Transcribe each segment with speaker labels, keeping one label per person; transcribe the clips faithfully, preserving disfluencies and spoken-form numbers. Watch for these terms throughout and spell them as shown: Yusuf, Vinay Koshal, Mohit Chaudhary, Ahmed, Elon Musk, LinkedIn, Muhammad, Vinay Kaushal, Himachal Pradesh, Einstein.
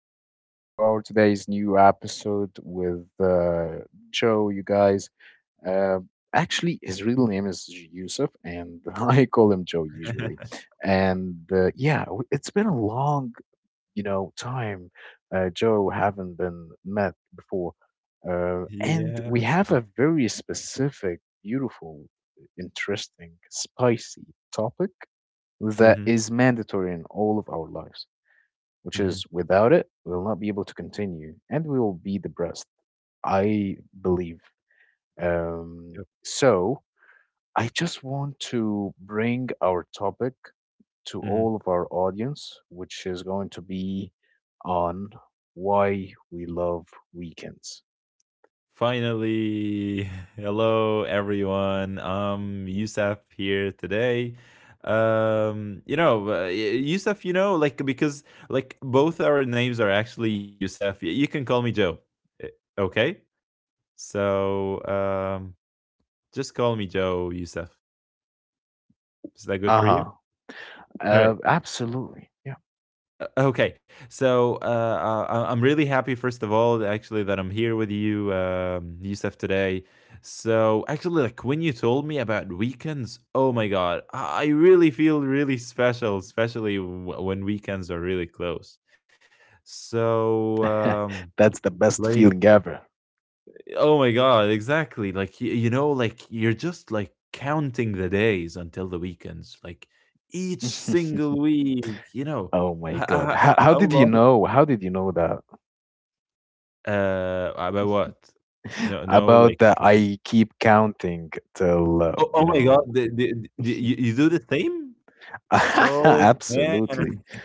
Speaker 1: back to our today's new episode with uh, Joe. You guys, uh, actually, his real name is Yusuf, and I call him Joe usually. And uh, yeah, w- it's been a long, you know, time. Uh, Joe haven't been met before, uh, and we
Speaker 2: Yeah.
Speaker 1: have a very specific, beautiful, interesting, spicy topic that
Speaker 2: Mhm,
Speaker 1: is mandatory in all of our lives, which is,
Speaker 2: mhm,
Speaker 1: without it, we will not be able to continue and we will be depressed, I believe. Um,
Speaker 2: yep,
Speaker 1: so I just want to bring our topic to
Speaker 2: mhm.
Speaker 1: all of our audience, which is going to be on why we love weekends.
Speaker 2: Finally, hello everyone. Um, Yusuf here today. Um, you know, uh, y- Yusuf, you know, like because like both our names are actually Yusuf. Y- You can call me Joe. eh, Okay? So, um, just call me Joe Yusuf. Is that good for you?
Speaker 1: Uh-huh.
Speaker 2: All
Speaker 1: Uh,
Speaker 2: right.
Speaker 1: absolutely. Yeah.
Speaker 2: Okay, so uh, I- I'm really happy, first of all, actually, that I'm here with you, um, Yusuf, today. So, actually, like when you told me about weekends, oh my God, I I really feel really special, especially w- when weekends are really close. So, um,
Speaker 1: That's the best
Speaker 2: like,
Speaker 1: feeling ever.
Speaker 2: oh my God, exactly. Like, you, you know, like you're just like counting the days until the weekends, like each single week, you know,
Speaker 1: Oh my God.
Speaker 2: how,
Speaker 1: How, how
Speaker 2: how
Speaker 1: did you
Speaker 2: long?
Speaker 1: know? How did you know that?
Speaker 2: Uh, about what? No, no,
Speaker 1: About
Speaker 2: like,
Speaker 1: that, I keep counting till, uh,
Speaker 2: oh,
Speaker 1: you
Speaker 2: oh my god,
Speaker 1: know,
Speaker 2: the the the you you do the same? Oh, man.
Speaker 1: Absolutely.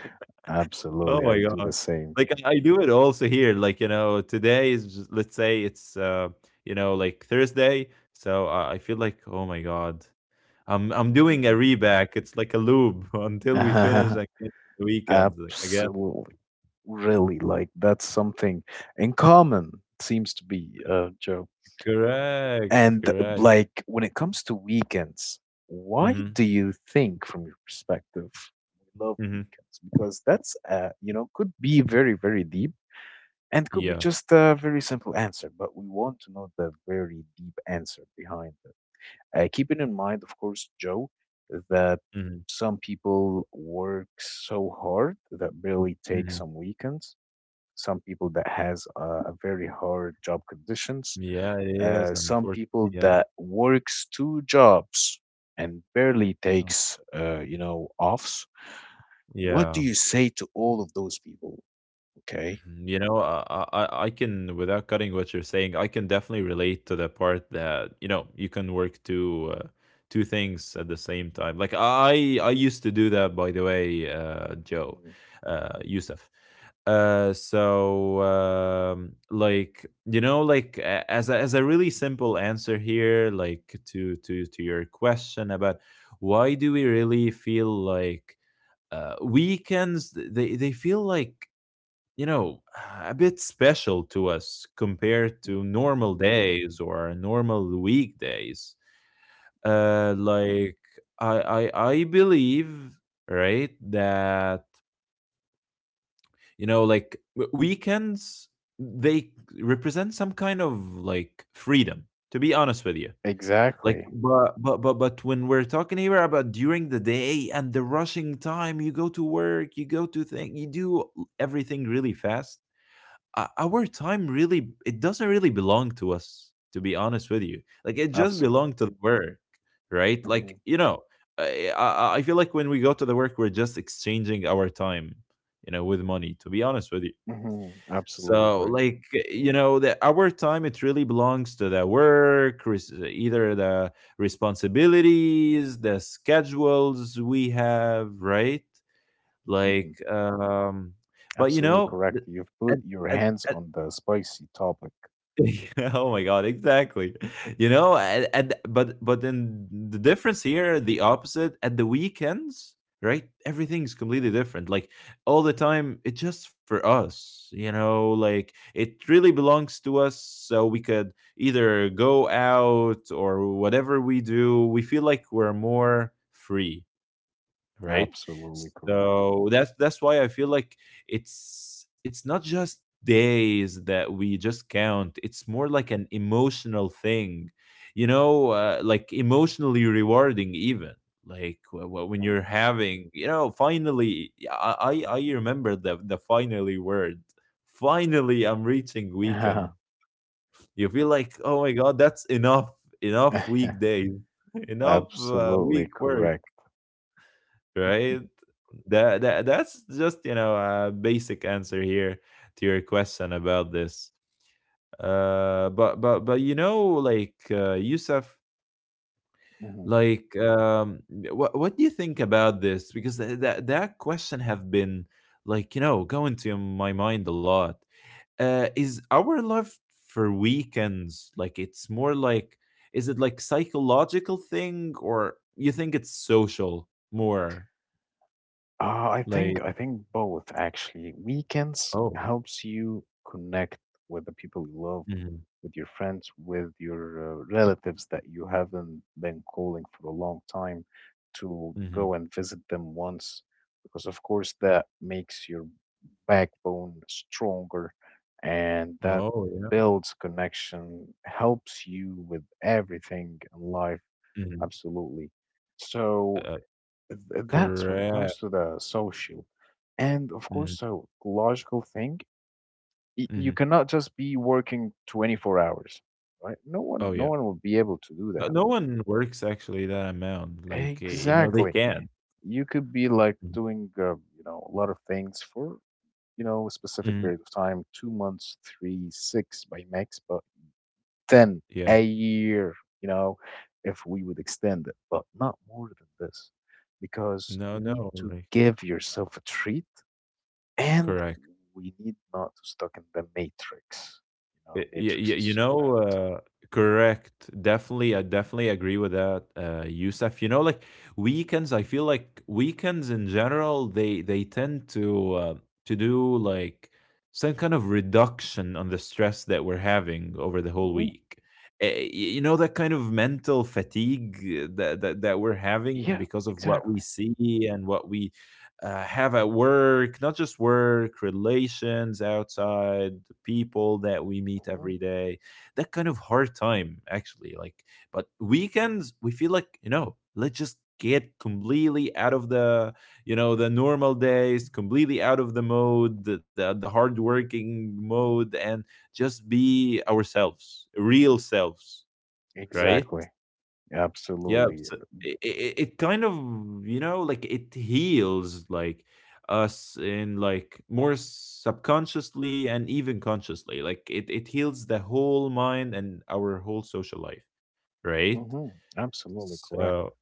Speaker 2: Oh
Speaker 1: Absolutely. I
Speaker 2: my
Speaker 1: do the
Speaker 2: god.
Speaker 1: same.
Speaker 2: Like, I I do it also here, like, you know, today is just, let's say it's, uh, you know, like, Thursday, so I I feel like, "Oh my god, I'm I'm doing a
Speaker 1: Mhm.
Speaker 2: reback. It's like a loop" until we finish, like, the weekends, like, again.
Speaker 1: Absolutely. Really. Like, that's something in common, seems to be, uh, Joe.
Speaker 2: Correct,
Speaker 1: And,
Speaker 2: correct.
Speaker 1: like, when it comes to weekends, why
Speaker 2: Mhm,
Speaker 1: do you think, from your perspective, we love
Speaker 2: mhm.
Speaker 1: weekends? Because that's, uh, you know, could be very, very deep and could be
Speaker 2: Yeah.
Speaker 1: just a very simple answer, but we want to know the very deep answer behind it. Uh, keeping in mind, of course, Joe, that
Speaker 2: Mhm,
Speaker 1: some people work so hard that barely take
Speaker 2: mhm.
Speaker 1: some weekends. Some people that has a, a very hard job conditions.
Speaker 2: Yeah, it is,
Speaker 1: Uh, some
Speaker 2: unfortunately,
Speaker 1: people
Speaker 2: yeah.
Speaker 1: that works two jobs and barely
Speaker 2: Um,
Speaker 1: takes, uh, you know, offs. What do
Speaker 2: yeah,
Speaker 1: you say to all of those people? Okay.
Speaker 2: you know, I, I I I can, without cutting what you're saying, I can definitely relate to the part that you know you can work two uh, two things at the same time. Like I I used to do that, by the way, uh, Joe,
Speaker 1: Mm,
Speaker 2: uh, Yusuf. Uh, so um, like, you know, like a- as a, as a really simple answer here, like to to to your question about why do we really feel like uh, weekends th- they they feel like, you know, a bit special to us compared to
Speaker 1: mhm,
Speaker 2: normal days or normal weekdays.
Speaker 1: mhm.
Speaker 2: Uh, like I, I, I believe, right, that you know, like w- weekends, they represent some kind of like freedom. To be honest with you, like,
Speaker 1: Exactly.
Speaker 2: but but but but when we're talking here about during the day and the rushing time, you go to work, you go to thing, you do everything really fast. O- our time really, it doesn't really belong to us, to be honest with you. Like, it just
Speaker 1: Absolutely.
Speaker 2: belonged to the work, right?
Speaker 1: Hmm
Speaker 2: Like, you know, I, I I feel like when we go to the work, we're just exchanging our time, you know, with money, to be honest with you.
Speaker 1: hmm Absolutely
Speaker 2: So,
Speaker 1: right.
Speaker 2: like, you know, the our time, it really belongs to the work, res- either the responsibilities, the schedules we have, right? Like,
Speaker 1: Mhm.
Speaker 2: um, but you
Speaker 1: Absolutely
Speaker 2: know,
Speaker 1: correct. You've
Speaker 2: at,
Speaker 1: put your hands
Speaker 2: at,
Speaker 1: on the spicy topic.
Speaker 2: oh my god, exactly, you know, and, and but but then the difference here, the opposite at the weekends, right? Everything's
Speaker 1: Mhm.
Speaker 2: completely different. Like, all the time, it's just for us, you know, like it really belongs to us, so we could either go out or whatever we do, we feel like we're more free, right?
Speaker 1: Absolutely correct.
Speaker 2: So that's that's why I feel like it's it's not just days that we just count. It's more like an emotional thing, you know, uh, like emotionally rewarding even. Like, wh- wh- when you're having, you know, finally, yeah, I I, I remember the the finally word. Finally, I'm reaching weekend.
Speaker 1: Mhm.
Speaker 2: You feel like, oh my god, that's enough, enough weekdays, enough uh,
Speaker 1: Absolutely
Speaker 2: week work,
Speaker 1: correct. Mhm.
Speaker 2: right? That, that that's just, you know, a basic answer here to your question about this. Uh, but but but you know, like, uh, Yusuf,
Speaker 1: Mhm.
Speaker 2: like, um, what what do you think about this? Because th- that that question have been, like, you know, going to my mind a lot. Uh, is our love for weekends, like it's more like, is it like psychological thing, or you think it's social more,
Speaker 1: Uh, I think
Speaker 2: like,
Speaker 1: I think both, actually. Weekends
Speaker 2: oh.
Speaker 1: helps you connect with the people you love,
Speaker 2: Mhm,
Speaker 1: with your friends, with your uh, relatives that you haven't been calling for a long time, to
Speaker 2: mhm.
Speaker 1: go and visit them once, because of course that makes your backbone stronger, and that
Speaker 2: Oh, yeah.
Speaker 1: builds connection, helps you with everything in life,
Speaker 2: Mhm.
Speaker 1: absolutely. So
Speaker 2: Uh,
Speaker 1: th- that's when it
Speaker 2: correct.
Speaker 1: comes to the social, and of course
Speaker 2: Mhm,
Speaker 1: psychological thing. Y-
Speaker 2: mhm.
Speaker 1: you cannot just be working twenty-four hours. Right, no
Speaker 2: Oh,
Speaker 1: one,
Speaker 2: yeah.
Speaker 1: no one will be able to do
Speaker 2: No
Speaker 1: that,
Speaker 2: no one works actually that amount, like, eh, you know, they
Speaker 1: exactly.
Speaker 2: can.
Speaker 1: You could be like
Speaker 2: Mhm,
Speaker 1: doing, uh, you know a lot of things for, you know, a specific
Speaker 2: mhm.
Speaker 1: period of time: two months, three, six by max, but ten
Speaker 2: Yeah.
Speaker 1: a year, you know, if we would extend it. But not more than this, because
Speaker 2: No,
Speaker 1: you need
Speaker 2: no,
Speaker 1: to
Speaker 2: like,
Speaker 1: give yourself a treat. And
Speaker 2: correct.
Speaker 1: we need not to stuck in the matrix. You know,
Speaker 2: Y- y-
Speaker 1: matrix
Speaker 2: y-
Speaker 1: is
Speaker 2: you
Speaker 1: so
Speaker 2: know,
Speaker 1: bad.
Speaker 2: uh, correct. Definitely, I definitely agree with that, uh, Yusuf. You know, like weekends, I feel like weekends in general, they they tend to, uh, to do like some kind of reduction on the stress that we're having over the whole
Speaker 1: Hmm
Speaker 2: week. Uh, y- You know, that kind of mental fatigue, uh, that, that that we're having
Speaker 1: Yeah,
Speaker 2: because of what we
Speaker 1: exactly.
Speaker 2: see and what we uh, have at work, not just work, relations outside, the people that we meet
Speaker 1: hmm
Speaker 2: every day, that kind of hard time, actually. Like, but weekends, we feel like, you know, let's just get completely out of the, you know, the normal days, completely out of the mode, the, the, the hard working mode, and just be ourselves, real selves, right?
Speaker 1: Exactly.
Speaker 2: Yeah,
Speaker 1: Absolutely.
Speaker 2: so it, it it kind of, you know, like it heals like us in like more subconsciously and even consciously. Like, it it heals the whole mind and our whole social life, right?
Speaker 1: Hmm Absolutely correct.
Speaker 2: So,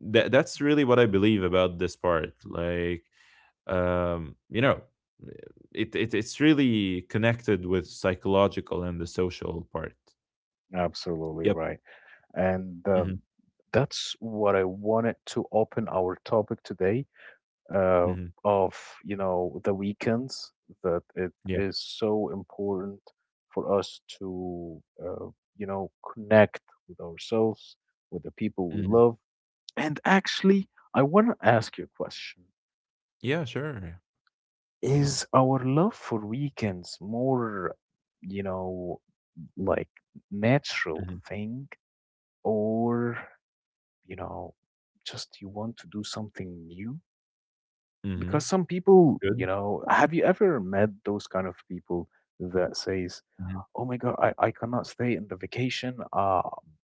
Speaker 2: that that's really what I believe about this part. Like, um, you know, it, it it's really connected with psychological and the social part.
Speaker 1: Absolutely
Speaker 2: Yep.
Speaker 1: right. And
Speaker 2: Hmm.
Speaker 1: um, that's what I wanted to open our topic today, uh,
Speaker 2: Hmm.
Speaker 1: of, you know, the weekends, that it
Speaker 2: Yeah.
Speaker 1: is so important for us to, uh, you know, connect with ourselves, with the people we
Speaker 2: Hmm.
Speaker 1: love. And, actually, I want to ask you a question.
Speaker 2: Yeah. Sure.
Speaker 1: Is our love for weekends more, you know, like, natural
Speaker 2: Hmm.
Speaker 1: thing, or, you know, just you want to do something new?
Speaker 2: Hmm.
Speaker 1: Because some people, you
Speaker 2: Good.
Speaker 1: know, have you ever met those kind of people that says,
Speaker 2: Mhm.
Speaker 1: "Oh my god, i, I cannot stay in the vacation, uh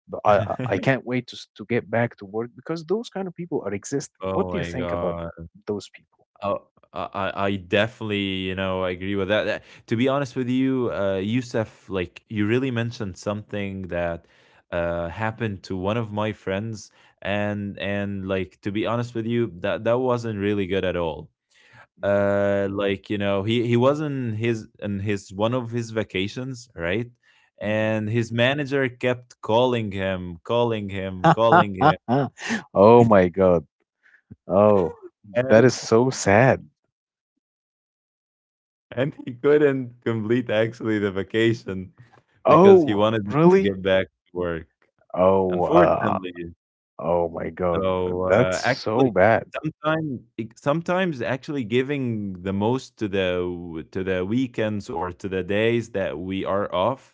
Speaker 1: but I, I I can't wait to, s- to get back to work"? Because those kind of people are existing.
Speaker 2: Oh
Speaker 1: What do you
Speaker 2: my
Speaker 1: think about
Speaker 2: god.
Speaker 1: those people?
Speaker 2: Oh, I I I definitely, you know, agree with that. That- To be honest with you, uh, Youssef, like you really mentioned something that uh happened to one of my friends, and and like, to be honest with you, that that wasn't really good at all. Uh, like, you know, he he was in his, in his one of his vacations, right?
Speaker 1: Mm,
Speaker 2: And his manager kept calling him, calling him, calling him.
Speaker 1: mhm. Oh my god. Oh, that is so sad.
Speaker 2: And he couldn't complete actually the vacation because he
Speaker 1: Oh,
Speaker 2: wanted them to
Speaker 1: really.
Speaker 2: get back to work.
Speaker 1: Oh, uh,
Speaker 2: Unfortunately,
Speaker 1: oh my god,
Speaker 2: so,
Speaker 1: that's
Speaker 2: uh,
Speaker 1: so
Speaker 2: actually,
Speaker 1: bad.
Speaker 2: sometimes, sometimes actually giving the most to the w to the weekends or to the days that we are off,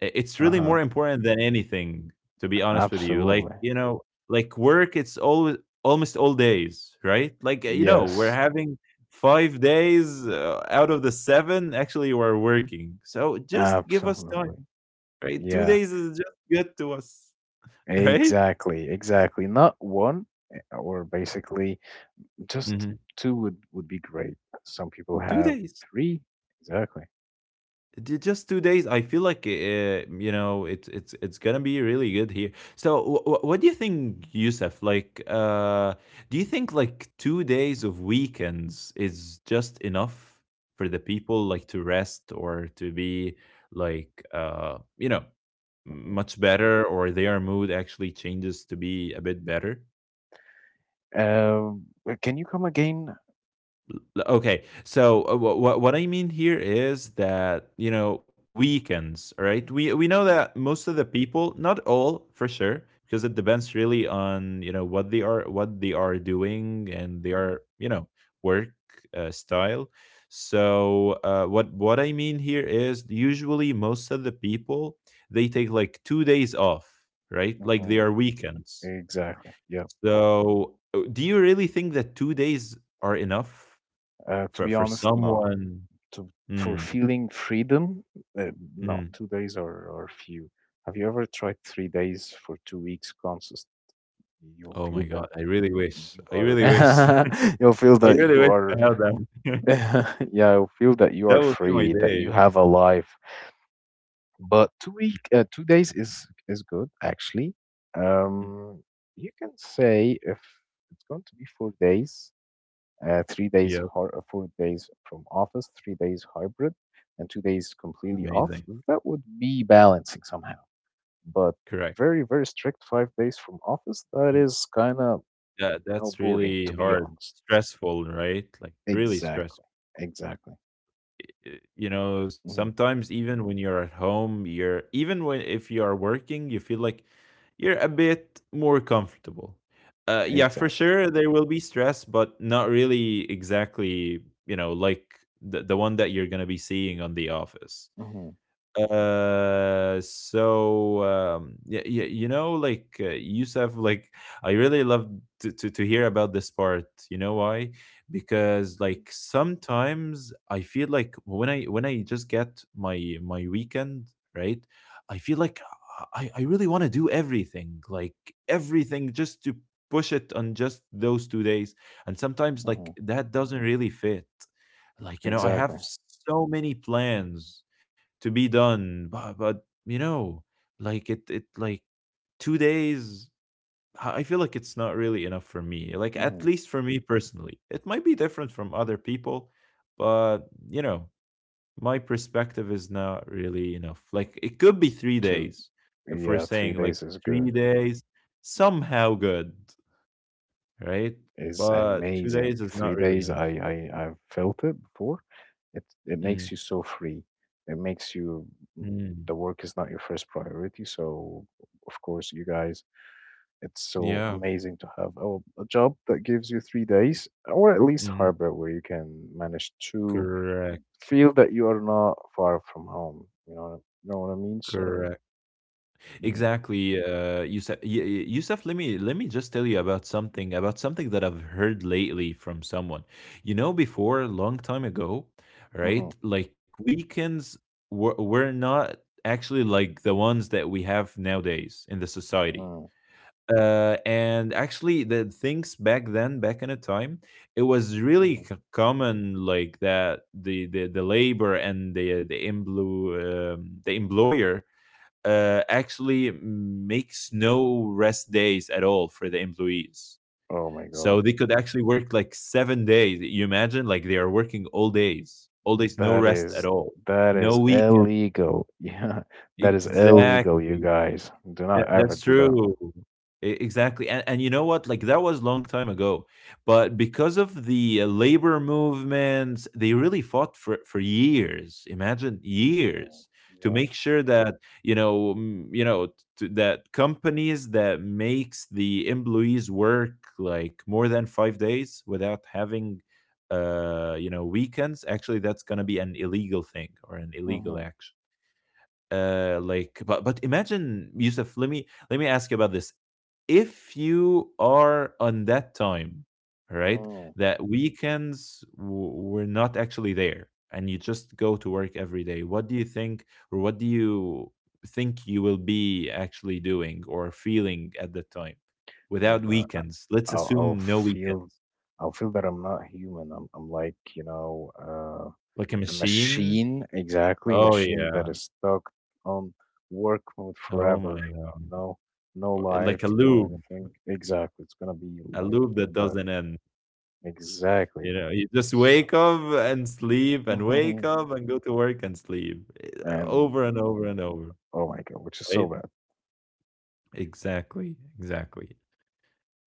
Speaker 2: I it's really
Speaker 1: Uh-huh.
Speaker 2: more important than anything, to be honest with you. Like,
Speaker 1: Absolutely.
Speaker 2: you know, like work, it's always almost all days, right? Like, uh, you know, we're
Speaker 1: Yes.
Speaker 2: having five days, uh, out of the seven, actually we're working. So just give us time,
Speaker 1: Absolutely.
Speaker 2: right? two
Speaker 1: Yeah,
Speaker 2: days is just good to us, right?
Speaker 1: exactly, exactly. Not one, eh, or basically just
Speaker 2: Mhm.
Speaker 1: two would would be great. Some people
Speaker 2: two
Speaker 1: have
Speaker 2: days.
Speaker 1: three. Exactly.
Speaker 2: Ju- just two days, I feel like, uh, you know, it's it's it's gonna be really good here. So, wh- wh- what do you think, Yusuf, like, uh, do you think like two days of weekends is just enough for the people like to rest, or to be like, uh, you know,
Speaker 1: Mhm.
Speaker 2: much better, or their mood actually changes to be a bit better?
Speaker 1: Um, but can you come again?
Speaker 2: Okay, so, uh, what what I mean here is that, you know, weekends, right? We we know
Speaker 1: Mhm,
Speaker 2: that most of the people, not all for sure, because it depends really on, you know, what they are, what they are doing, and
Speaker 1: mhm,
Speaker 2: their, you know, work, uh, style. So, uh, what what I mean here is usually most of the people, they take like two days off, right? Like, they
Speaker 1: mhm.
Speaker 2: are weekends.
Speaker 1: Exactly. Yeah.
Speaker 2: So, uh, do you really think that two days are enough?
Speaker 1: Uh, to
Speaker 2: For
Speaker 1: be
Speaker 2: for
Speaker 1: honest, no.
Speaker 2: someone,
Speaker 1: To, for
Speaker 2: mm,
Speaker 1: feeling freedom, uh, no.
Speaker 2: mm.
Speaker 1: Two days are are few. Have you ever tried three days for two weeks consist? You'll
Speaker 2: Oh my
Speaker 1: feel that
Speaker 2: god, I really wish.
Speaker 1: you
Speaker 2: I
Speaker 1: are
Speaker 2: really wish.
Speaker 1: you'll feel
Speaker 2: I
Speaker 1: that
Speaker 2: really
Speaker 1: you
Speaker 2: wish I
Speaker 1: are
Speaker 2: had that.
Speaker 1: yeah, you'll feel that you
Speaker 2: That
Speaker 1: are
Speaker 2: would be my
Speaker 1: free, that you
Speaker 2: day.
Speaker 1: have a life. But two week uh, two days is is good, actually.
Speaker 2: Mhm.
Speaker 1: um you can say, if it's going to be four days, uh, three days
Speaker 2: Yep,
Speaker 1: hor- uh, four days from office, three days hybrid, and two days completely
Speaker 2: amazing.
Speaker 1: off, that would be balancing somehow. But
Speaker 2: Correct.
Speaker 1: very, very strict five days from office, that
Speaker 2: Mm.
Speaker 1: is kind of,
Speaker 2: That
Speaker 1: you know,
Speaker 2: that's
Speaker 1: boring,
Speaker 2: really
Speaker 1: to be
Speaker 2: hard.
Speaker 1: honest.
Speaker 2: Stressful, right? Like, really
Speaker 1: Exactly.
Speaker 2: stressful.
Speaker 1: Exactly.
Speaker 2: Eh, you know,
Speaker 1: hmm
Speaker 2: sometimes even when you're at home, you're, even when if you are working, you feel like you're a bit more comfortable. Uh, yeah, for
Speaker 1: Exactly.
Speaker 2: sure there will be stress, but not really exactly, you know, like the, the one that you're gonna be seeing on the office.
Speaker 1: hmm
Speaker 2: Uh, so, um, yeah, yeah, you know, like, uh, Yusuf, like, I really love to, to to hear about this part. You know why? Because like, sometimes I feel like when I, when I just get my my weekend, right? I feel like I I really want to do everything, like everything, just to push it on just those two days. And sometimes like
Speaker 1: hmm
Speaker 2: that doesn't really fit. Like, you know, I
Speaker 1: Exactly.
Speaker 2: have so many plans to be done. But, but you know, like it, it like two days. I I feel like it's not really enough for me. Like, at
Speaker 1: hmm
Speaker 2: least for me personally, it might be different from other people, but, you know, my perspective is not really enough. Like, it could be three
Speaker 1: Two.
Speaker 2: days if we're
Speaker 1: Yeah, three
Speaker 2: saying like
Speaker 1: days is
Speaker 2: three
Speaker 1: good.
Speaker 2: days somehow good, right?
Speaker 1: Is
Speaker 2: But two
Speaker 1: amazing.
Speaker 2: days is
Speaker 1: Three
Speaker 2: not really
Speaker 1: days.
Speaker 2: enough.
Speaker 1: I I I've felt it before. It it makes
Speaker 2: Mm,
Speaker 1: you so free. It makes you. Mm.
Speaker 2: mm,
Speaker 1: The work is not your first priority. So, of course, you guys, it's so
Speaker 2: yeah.
Speaker 1: amazing to have a, a job that gives you three days, or at least
Speaker 2: Mm,
Speaker 1: harbor where you can manage two,
Speaker 2: correct.
Speaker 1: feel that you are not far from home. You know, you know what I mean? So,
Speaker 2: Correct.
Speaker 1: hmm
Speaker 2: Exactly, uh, Yousef. Y- y- Yousef, let me let me just tell you about something, about something that I've heard lately from someone. You know, before a long time ago, right?
Speaker 1: hmm
Speaker 2: Like, weekends were were not actually like the ones that we have nowadays in the society.
Speaker 1: mm
Speaker 2: Uh, and actually, the things back then, back in a time, it was really
Speaker 1: hmm
Speaker 2: c- common like that the the the labor and the the emplo- um, the employer uh, actually makes no rest days at all for the employees.
Speaker 1: oh my God,
Speaker 2: So they could actually work like seven days. You imagine, like they are working all days, all days, no
Speaker 1: that
Speaker 2: rest at
Speaker 1: is,
Speaker 2: all,
Speaker 1: that
Speaker 2: no
Speaker 1: is
Speaker 2: weekend.
Speaker 1: illegal. Yeah, that is illegal. You
Speaker 2: Exactly.
Speaker 1: guys, do
Speaker 2: Yeah,
Speaker 1: not ever
Speaker 2: that's
Speaker 1: do that.
Speaker 2: true. E exactly, and and you know what? Like, that was long time ago, but because of the uh, labor movements, they really fought for for years, imagine, years,
Speaker 1: Oh,
Speaker 2: to
Speaker 1: yeah.
Speaker 2: make sure that, you know, mm, you know, t that companies that makes the employees work, like, more than five days without having, uh, you know, weekends, actually, that's gonna be an illegal thing or an illegal
Speaker 1: Mm-hmm.
Speaker 2: action. uh like but but imagine, Yusuf, let me let me ask you about this. If you are on that time, right,
Speaker 1: Mm.
Speaker 2: that weekends w- were not actually there, and you just go to work every day, what do you think, or what do you think you will be actually doing or feeling at the time
Speaker 1: Oh my
Speaker 2: without
Speaker 1: God. I,
Speaker 2: weekends? Let's
Speaker 1: I'll, I'll
Speaker 2: assume no
Speaker 1: feel,
Speaker 2: weekends.
Speaker 1: I'll feel that I'm not human. I'm, I'm like, you know, uh,
Speaker 2: Like a
Speaker 1: a
Speaker 2: machine.
Speaker 1: machine, exactly,
Speaker 2: Oh
Speaker 1: machine
Speaker 2: yeah.
Speaker 1: that is stuck on work mode
Speaker 2: Oh my
Speaker 1: forever, you
Speaker 2: god.
Speaker 1: know, no
Speaker 2: Like a
Speaker 1: life, no
Speaker 2: loop,
Speaker 1: anything. Exactly. It's gonna be
Speaker 2: a
Speaker 1: like
Speaker 2: loop that
Speaker 1: that.
Speaker 2: doesn't end.
Speaker 1: Exactly.
Speaker 2: You know, you just wake
Speaker 1: So,
Speaker 2: up and sleep and wake
Speaker 1: mhm.
Speaker 2: up and go to work and sleep eh,
Speaker 1: And
Speaker 2: over and over and over,
Speaker 1: oh my God, which is
Speaker 2: right?
Speaker 1: so bad.
Speaker 2: Exactly, exactly.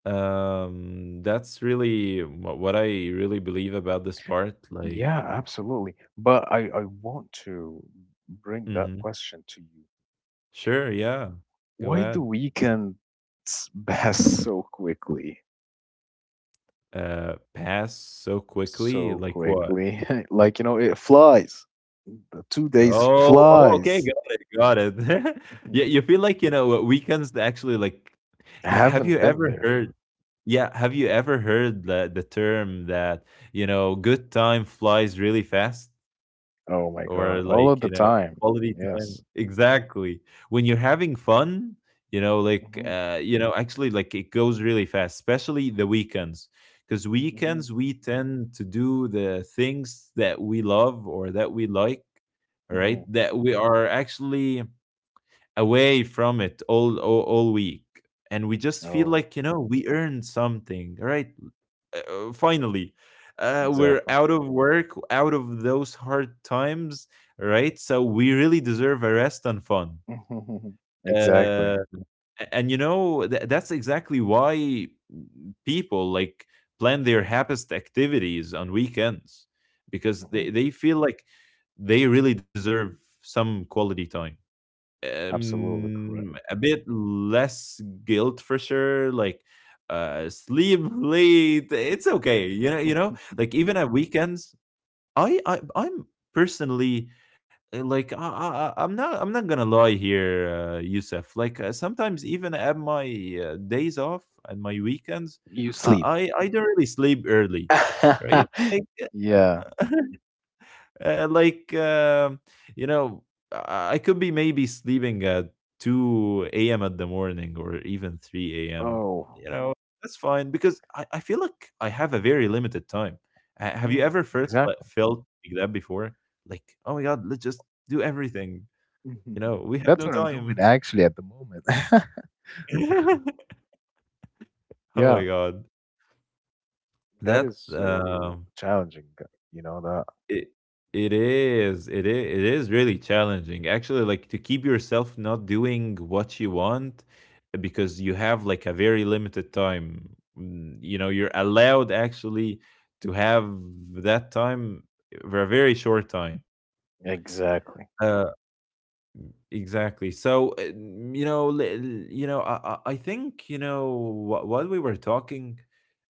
Speaker 2: Um, that's really what, what I really believe about this part.
Speaker 1: Yeah,
Speaker 2: Like,
Speaker 1: absolutely. But I, I want to bring that
Speaker 2: mhm.
Speaker 1: question to you.
Speaker 2: Sure, yeah, go
Speaker 1: Why do
Speaker 2: ahead.
Speaker 1: weekends pass so quickly?
Speaker 2: Uh, pass so
Speaker 1: So
Speaker 2: quickly, like what?
Speaker 1: quickly. Like, you know, it flies. The two days
Speaker 2: Oh, oh, okay,
Speaker 1: flies.
Speaker 2: got it, got it.
Speaker 1: Mhm.
Speaker 2: Yeah, you feel like you know weekends actually like,
Speaker 1: I
Speaker 2: you know, have you
Speaker 1: haven't been
Speaker 2: ever
Speaker 1: there.
Speaker 2: heard? Yeah, have you ever heard the, the term that, you know, good time flies really fast,
Speaker 1: Oh my
Speaker 2: or
Speaker 1: God.
Speaker 2: like,
Speaker 1: All
Speaker 2: you
Speaker 1: of the
Speaker 2: know,
Speaker 1: time.
Speaker 2: quality time?
Speaker 1: Yes.
Speaker 2: Exactly. When you're having fun, you know, like,
Speaker 1: hmm
Speaker 2: uh, you know, actually, like it goes really fast, especially the weekends. Because
Speaker 1: hmm
Speaker 2: weekends, we tend to do the things that we love or that we like, right?
Speaker 1: hmm
Speaker 2: That we are actually away from it all, all, all week. And we just feel
Speaker 1: Oh,
Speaker 2: like, you know, we earned something, right? uh, uh, finally uh, we're
Speaker 1: exactly.
Speaker 2: out of work, out of those hard times, right? So we really deserve a rest and fun.
Speaker 1: Exactly.
Speaker 2: uh, a- and you know tha- that's exactly why people like plan their happiest activities on weekends because
Speaker 1: hmm
Speaker 2: they, they feel like they really deserve some quality time.
Speaker 1: Absolutely correct.
Speaker 2: Um, a bit less guilt for sure, like, uh, sleep late, it's okay, you know you know? Like, even at weekends, I I I'm personally, uh, like, I I I I'm not I'm not gonna lie here, uh, Youssef, like, uh, sometimes even at my, uh, days off and my weekends,
Speaker 1: You sleep.
Speaker 2: I I I don't really sleep early, right? Like
Speaker 1: Yeah.
Speaker 2: uh, like um you know, I I could be maybe sleeping at two a m at the morning or even three a m.
Speaker 1: Oh,
Speaker 2: You know, that's fine because I, I feel like I have a very limited time. Uh, have you
Speaker 1: mm,
Speaker 2: ever first like,
Speaker 1: exactly.
Speaker 2: felt like that before? Like, oh my god, let's just do everything. You
Speaker 1: Mhm.
Speaker 2: know, we have no
Speaker 1: That's what I'm doing,
Speaker 2: time.
Speaker 1: actually, at the moment.
Speaker 2: Oh my
Speaker 1: Yeah,
Speaker 2: god,
Speaker 1: that
Speaker 2: that.
Speaker 1: is so
Speaker 2: Um,
Speaker 1: challenging, you know that.
Speaker 2: It it is. It is it is really challenging. Actually, like to keep yourself not doing what you want uh, because you have like a very limited time. Mm. You know, you're allowed actually to have that time for a very short time.
Speaker 1: Exactly.
Speaker 2: Uh, exactly. So, uh, you know, li- li- you know, I, I I think, you know, what, what we were talking,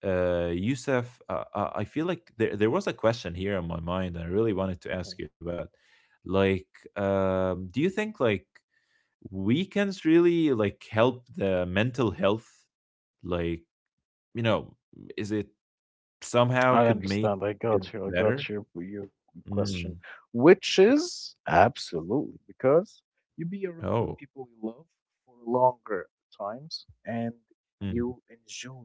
Speaker 2: uh, Yusuf, uh, uh, I feel like there there was a question here in my mind I really wanted to ask
Speaker 1: Mhm.
Speaker 2: you about. Like, um, do you think like weekends really like help the mental health? Like, you know, is it somehow
Speaker 1: I
Speaker 2: could make
Speaker 1: understand. I
Speaker 2: it
Speaker 1: got you. I
Speaker 2: better?
Speaker 1: got your your question,
Speaker 2: Mm.
Speaker 1: which is absolutely, because you be around the
Speaker 2: Oh.
Speaker 1: people you love for longer times, and
Speaker 2: Mm.
Speaker 1: you enjoy.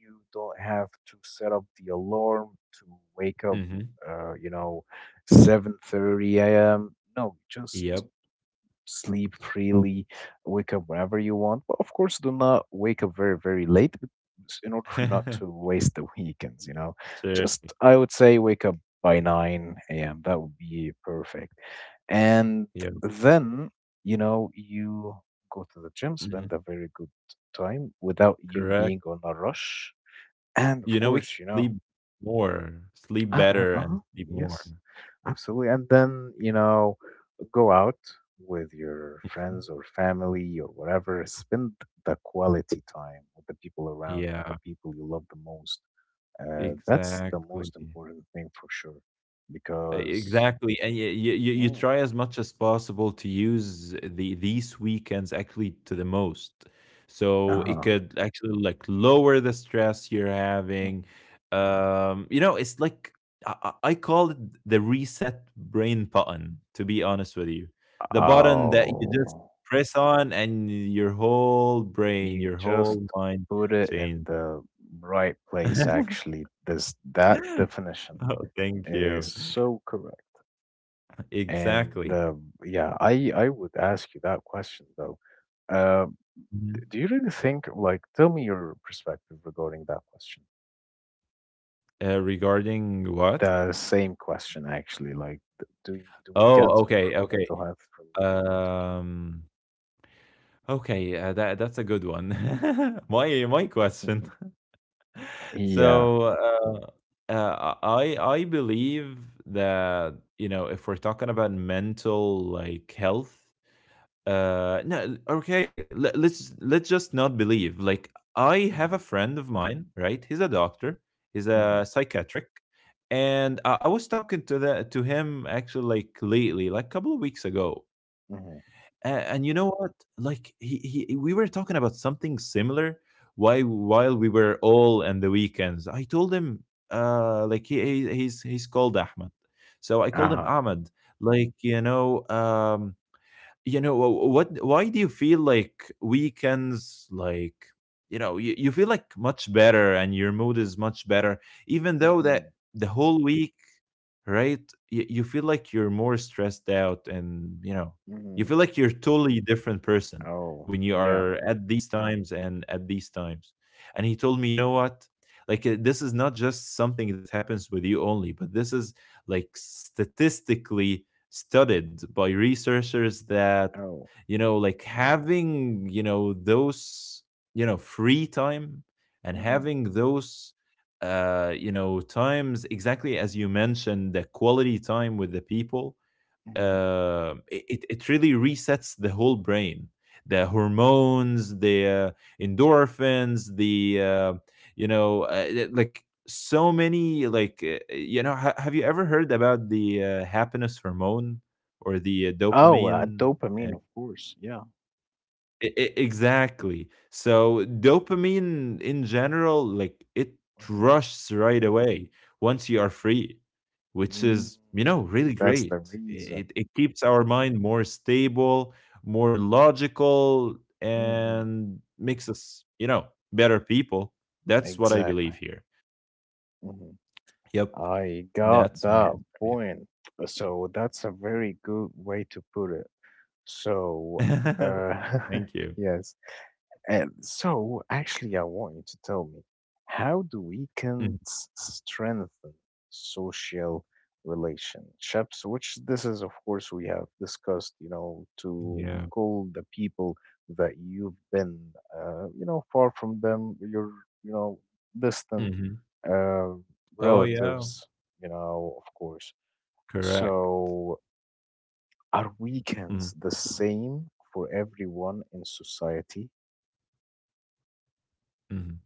Speaker 1: You don't have to set up the alarm to wake up.
Speaker 2: Hmm.
Speaker 1: Uh, you know, seven thirty a m. No, just
Speaker 2: Yep.
Speaker 1: sleep freely, wake up whenever you want. But of course, do not wake up very, very late, but s- in order for you not to waste the weekends, you know.
Speaker 2: Sure.
Speaker 1: Just, I would say, wake up by nine a m. That would be perfect. And
Speaker 2: Yep.
Speaker 1: then, you know, you go to the gym, spend
Speaker 2: Hmm.
Speaker 1: a very good time without you
Speaker 2: Correct.
Speaker 1: being on a rush. And
Speaker 2: You
Speaker 1: of
Speaker 2: know, we can
Speaker 1: course, you
Speaker 2: sleep
Speaker 1: know,
Speaker 2: more, sleep
Speaker 1: uh, uh,
Speaker 2: better,
Speaker 1: uh-huh,
Speaker 2: and sleep more.
Speaker 1: yes, absolutely. And then, you know, go out with your
Speaker 2: Mhm.
Speaker 1: friends or family or whatever, spend the quality time with the people around you,
Speaker 2: Yeah.
Speaker 1: the people you love the most. Uh, that's the
Speaker 2: Exactly.
Speaker 1: most important thing, for sure,
Speaker 2: E
Speaker 1: because
Speaker 2: exactly, and you you you
Speaker 1: mm,
Speaker 2: try as much as possible to use the these weekends actually to the most. So it
Speaker 1: uh-huh.
Speaker 2: could actually, like, lower the stress you're
Speaker 1: Mhm.
Speaker 2: having. Um, you know, it's like I I I call it the reset brain button, to be honest with you. The button that you just
Speaker 1: Oh,
Speaker 2: press on and your whole brain,
Speaker 1: you
Speaker 2: your
Speaker 1: just
Speaker 2: whole mind
Speaker 1: put it in
Speaker 2: changes.
Speaker 1: the right place, actually. This, that definition
Speaker 2: Oh, thank
Speaker 1: is
Speaker 2: you.
Speaker 1: so correct. And
Speaker 2: Exactly.
Speaker 1: uh, yeah, I I would ask you that question, though. Uh,
Speaker 2: Mhm.
Speaker 1: Do you really think, like, tell me your perspective regarding that question?
Speaker 2: Uh, regarding what?
Speaker 1: The same question, actually. Like, th- do y- do
Speaker 2: Oh,
Speaker 1: weekends
Speaker 2: okay,
Speaker 1: improve
Speaker 2: okay.
Speaker 1: mental health from your point of view?
Speaker 2: Um, okay, uh, that that's a good one. My my question.
Speaker 1: Mhm. Yeah.
Speaker 2: So, uh, uh, I I believe that, you know, if we're talking about mental like health, uh no okay let, let's let's just not believe like I have a
Speaker 1: Mm-hmm.
Speaker 2: friend of mine, right? He's a doctor, he's
Speaker 1: Mm-hmm.
Speaker 2: a psychiatric, and i, I was talking to that to him actually like lately like a couple of weeks ago.
Speaker 1: Mm-hmm.
Speaker 2: and, and you know what, like he, he we were talking about something similar why while we were all on the weekends. I told him, uh like he, he he's he's called Ahmed, so I called him
Speaker 1: Uh-huh.
Speaker 2: Ahmed. Like you know, um you know wh- what why do you feel like weekends like you know you, you feel like much better and your mood is much better, even though that
Speaker 1: Mm-hmm.
Speaker 2: the whole week, right? Y- you feel like you're more stressed out, and you know, you
Speaker 1: Mm-hmm.
Speaker 2: feel like you're totally different person
Speaker 1: Oh,
Speaker 2: when you
Speaker 1: yeah.
Speaker 2: are at these times and at these times. And he told me, you know what? Like uh, this is not just something that happens with you only, but this is like statistically studied by researchers that
Speaker 1: Oh.
Speaker 2: you know, like having you know those you know free time, and
Speaker 1: Mm-hmm.
Speaker 2: having those uh, you know, times exactly as you mentioned, the quality time with the people,
Speaker 1: Mm-hmm.
Speaker 2: uh, it, it really resets the whole brain. The hormones, the uh, endorphins, the, uh, you know, uh, it- like so many, like, uh, you know, ha- have you ever heard about the uh, happiness hormone or the uh,
Speaker 1: Oh, uh,
Speaker 2: dopamine? Uh,
Speaker 1: dopamine, of course. Yeah.
Speaker 2: I I Exactly. So dopamine in general, like it rushes right away once you are free, which
Speaker 1: Mm-hmm.
Speaker 2: is, you know,
Speaker 1: Mm.
Speaker 2: really
Speaker 1: That's the
Speaker 2: great. I-
Speaker 1: reason.
Speaker 2: It it keeps our mind more stable, more logical,
Speaker 1: Mm-hmm.
Speaker 2: and makes us, you know, better people. That's what I
Speaker 1: Exactly.
Speaker 2: believe here. Yep.
Speaker 1: I got
Speaker 2: That's my
Speaker 1: that
Speaker 2: answer. Yeah.
Speaker 1: point. Uh, So that's a very good way to put it. So, uh,
Speaker 2: Thank you.
Speaker 1: yes. And so, actually, I want you to tell me, how do
Speaker 2: Mhm.
Speaker 1: weekends strengthen social relationships? Which, this is, of course, we have discussed, you know, to
Speaker 2: Yeah.
Speaker 1: call the people that you've been, uh, you know, far from them, you're, you know, distant
Speaker 2: Hmm.
Speaker 1: uh,
Speaker 2: Oh yeah.
Speaker 1: relatives, you know, of course.
Speaker 2: Correct.
Speaker 1: So, are weekends
Speaker 2: Mhm.
Speaker 1: the same for everyone in society?
Speaker 2: Mhm.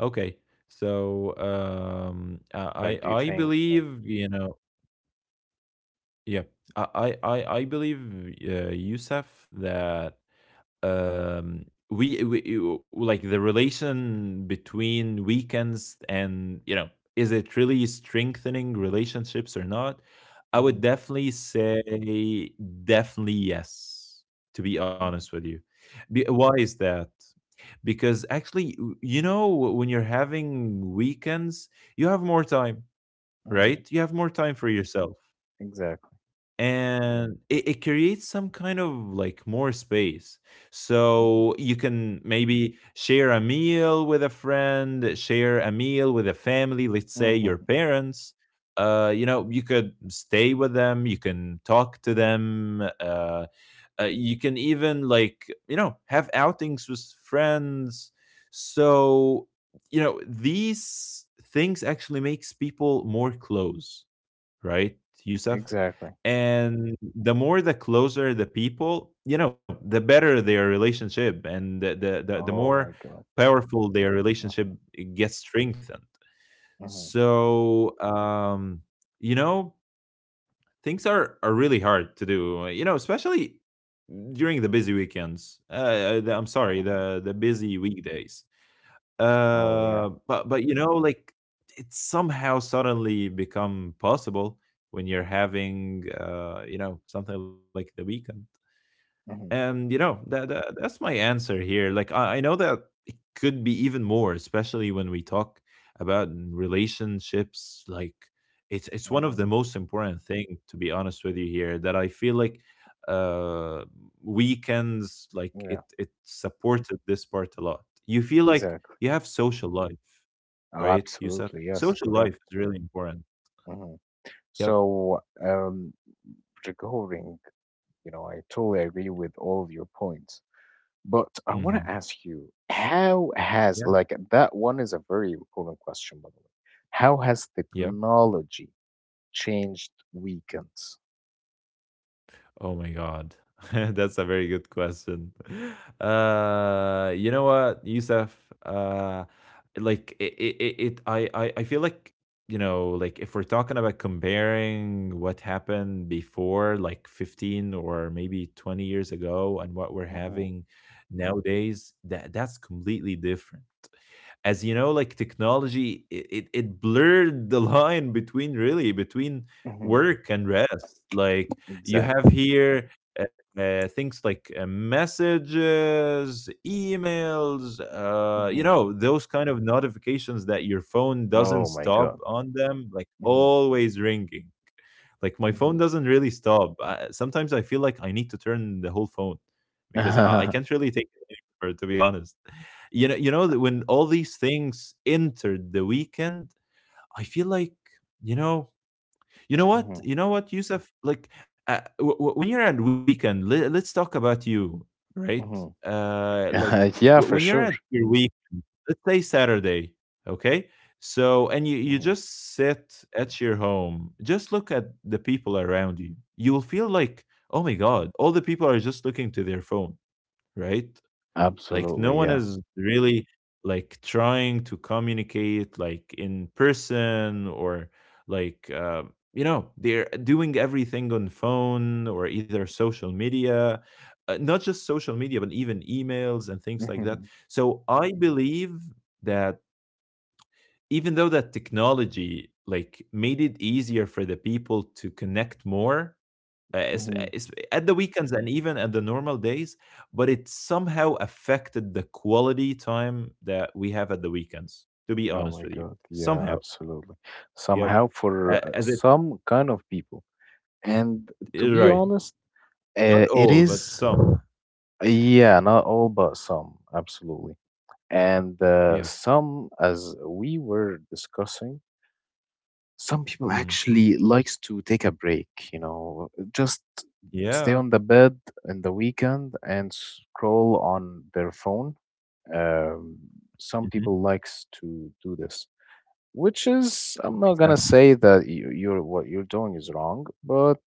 Speaker 2: Okay. So um,
Speaker 1: Like,
Speaker 2: I
Speaker 1: do you
Speaker 2: I I
Speaker 1: think that?
Speaker 2: believe you know, yeah, I I I I believe, uh, Yusuf, that um we, we you- like the relation between weekends and you know, is it really strengthening relationships or not? I
Speaker 1: Hmm
Speaker 2: would definitely say definitely yes. To be honest
Speaker 1: hmm
Speaker 2: with you, be, why is that? Because actually you know when you're having weekends you have more time,
Speaker 1: hmm
Speaker 2: right? You have more time for yourself,
Speaker 1: exactly.
Speaker 2: and it, it creates some kind of like more space,
Speaker 1: hmm
Speaker 2: so you can maybe share a meal with a friend, share a meal with a family, let's say
Speaker 1: hmm
Speaker 2: your parents. Uh you know, you could stay with them, you can talk to them, uh uh, you can even like you know have outings with friends. So you know these things actually makes people more close, right, Yusuf?
Speaker 1: exactly.
Speaker 2: And the more the closer the people, you know, the better their relationship, and the the the, the
Speaker 1: Oh
Speaker 2: more
Speaker 1: my God.
Speaker 2: powerful their relationship
Speaker 1: Hmm
Speaker 2: gets strengthened.
Speaker 1: hmm
Speaker 2: So um, you know things are are really hard to do you know, especially during the busy weekends, uh uh, the, I'm sorry,
Speaker 1: hmm
Speaker 2: the the busy weekdays,
Speaker 1: Oh yeah.
Speaker 2: uh but but you know like it's somehow suddenly become possible when you're having uh you know something like the weekend,
Speaker 1: hmm
Speaker 2: and you know that, that that's my answer here. Like I, I know that it could be even more, especially when we talk about relationships. Like it's it's one of
Speaker 1: hmm
Speaker 2: the most important thing to be honest with you here that I feel like uh weekends like
Speaker 1: yeah.
Speaker 2: it it supported this part a lot. You feel like
Speaker 1: Exactly.
Speaker 2: you have social life,
Speaker 1: Oh,
Speaker 2: right, Yusuf?
Speaker 1: absolutely. Yes.
Speaker 2: Social
Speaker 1: Correct.
Speaker 2: life is really important.
Speaker 1: Hmm
Speaker 2: Yep.
Speaker 1: So, um, regarding, you know, I totally agree with all of your points. But I want to
Speaker 2: Mm-hmm.
Speaker 1: ask you, how has,
Speaker 2: Yeah.
Speaker 1: like, that one is a very important question, by the way. How has
Speaker 2: Yep.
Speaker 1: technology changed weekends?
Speaker 2: Oh my God. That's a very good question. Uh, you know what, Yusuf? Uh, like it, it, it it I, I, I feel like, you know, like if we're talking about comparing what happened before, like fifteen or maybe twenty years ago, and what we're
Speaker 1: Hmm
Speaker 2: having nowadays, that that's completely different. As you know like technology it, it, it blurred the line between really between
Speaker 1: hmm
Speaker 2: work and rest. Like you have
Speaker 1: Exactly.
Speaker 2: here uh, uh, things like uh, messages, emails, uh, you
Speaker 1: hmm
Speaker 2: know those kind of notifications that your phone doesn't
Speaker 1: Oh my
Speaker 2: stop
Speaker 1: God.
Speaker 2: on them, like
Speaker 1: Hmm
Speaker 2: always ringing. Like my phone
Speaker 1: hmm
Speaker 2: doesn't really stop. I, sometimes I feel like I need to turn the whole phone, because i, I
Speaker 1: Mhm,
Speaker 2: can't really take it anymore, to be honest. You know, you know that when all these things entered the weekend, I feel like you know, you know what, you know what, Yusuf. Like uh, w- w- when you're at weekend, let, let's talk about you, right?
Speaker 1: mhm.
Speaker 2: Uh, like
Speaker 1: Yeah,
Speaker 2: w-
Speaker 1: for
Speaker 2: when you're
Speaker 1: sure.
Speaker 2: at your week, let's say Saturday, okay? So and you you
Speaker 1: Mhm.
Speaker 2: just sit at your home, just look at the people around you. You will feel like, oh my God, all the people are just looking to their phone, right? Like no
Speaker 1: Absolutely,
Speaker 2: one
Speaker 1: yeah.
Speaker 2: is really like trying to communicate like in person or like uh, you know they're doing everything on phone or either social media, uh, not just social media but even emails and things like that.
Speaker 1: Mhm,
Speaker 2: So I believe that even though that technology like made it easier for the people to connect more uh, es-
Speaker 1: mhm.
Speaker 2: es- at the weekends and even at the normal days, but it somehow affected the quality time that we have at the weekends, to be
Speaker 1: Oh
Speaker 2: honest
Speaker 1: my
Speaker 2: with you.
Speaker 1: God. Yeah,
Speaker 2: Somehow.
Speaker 1: absolutely.
Speaker 2: Yep.
Speaker 1: Somehow, for
Speaker 2: A-
Speaker 1: uh,
Speaker 2: As it,
Speaker 1: some kind of people. And to be
Speaker 2: right.
Speaker 1: honest,
Speaker 2: Not
Speaker 1: uh, it
Speaker 2: all, but
Speaker 1: is,
Speaker 2: some.
Speaker 1: yeah, not all, but some, absolutely. And uh,
Speaker 2: Yeah.
Speaker 1: some, as we were discussing, some people
Speaker 2: Hmm.
Speaker 1: actually likes to take a break, you know, just stay
Speaker 2: Yeah.
Speaker 1: on the bed in the weekend and scroll on their phone. Um, some
Speaker 2: Hmm.
Speaker 1: people likes to do this, which is, I'm not gonna
Speaker 2: Exactly.
Speaker 1: say that you, you're, what you're doing is wrong, but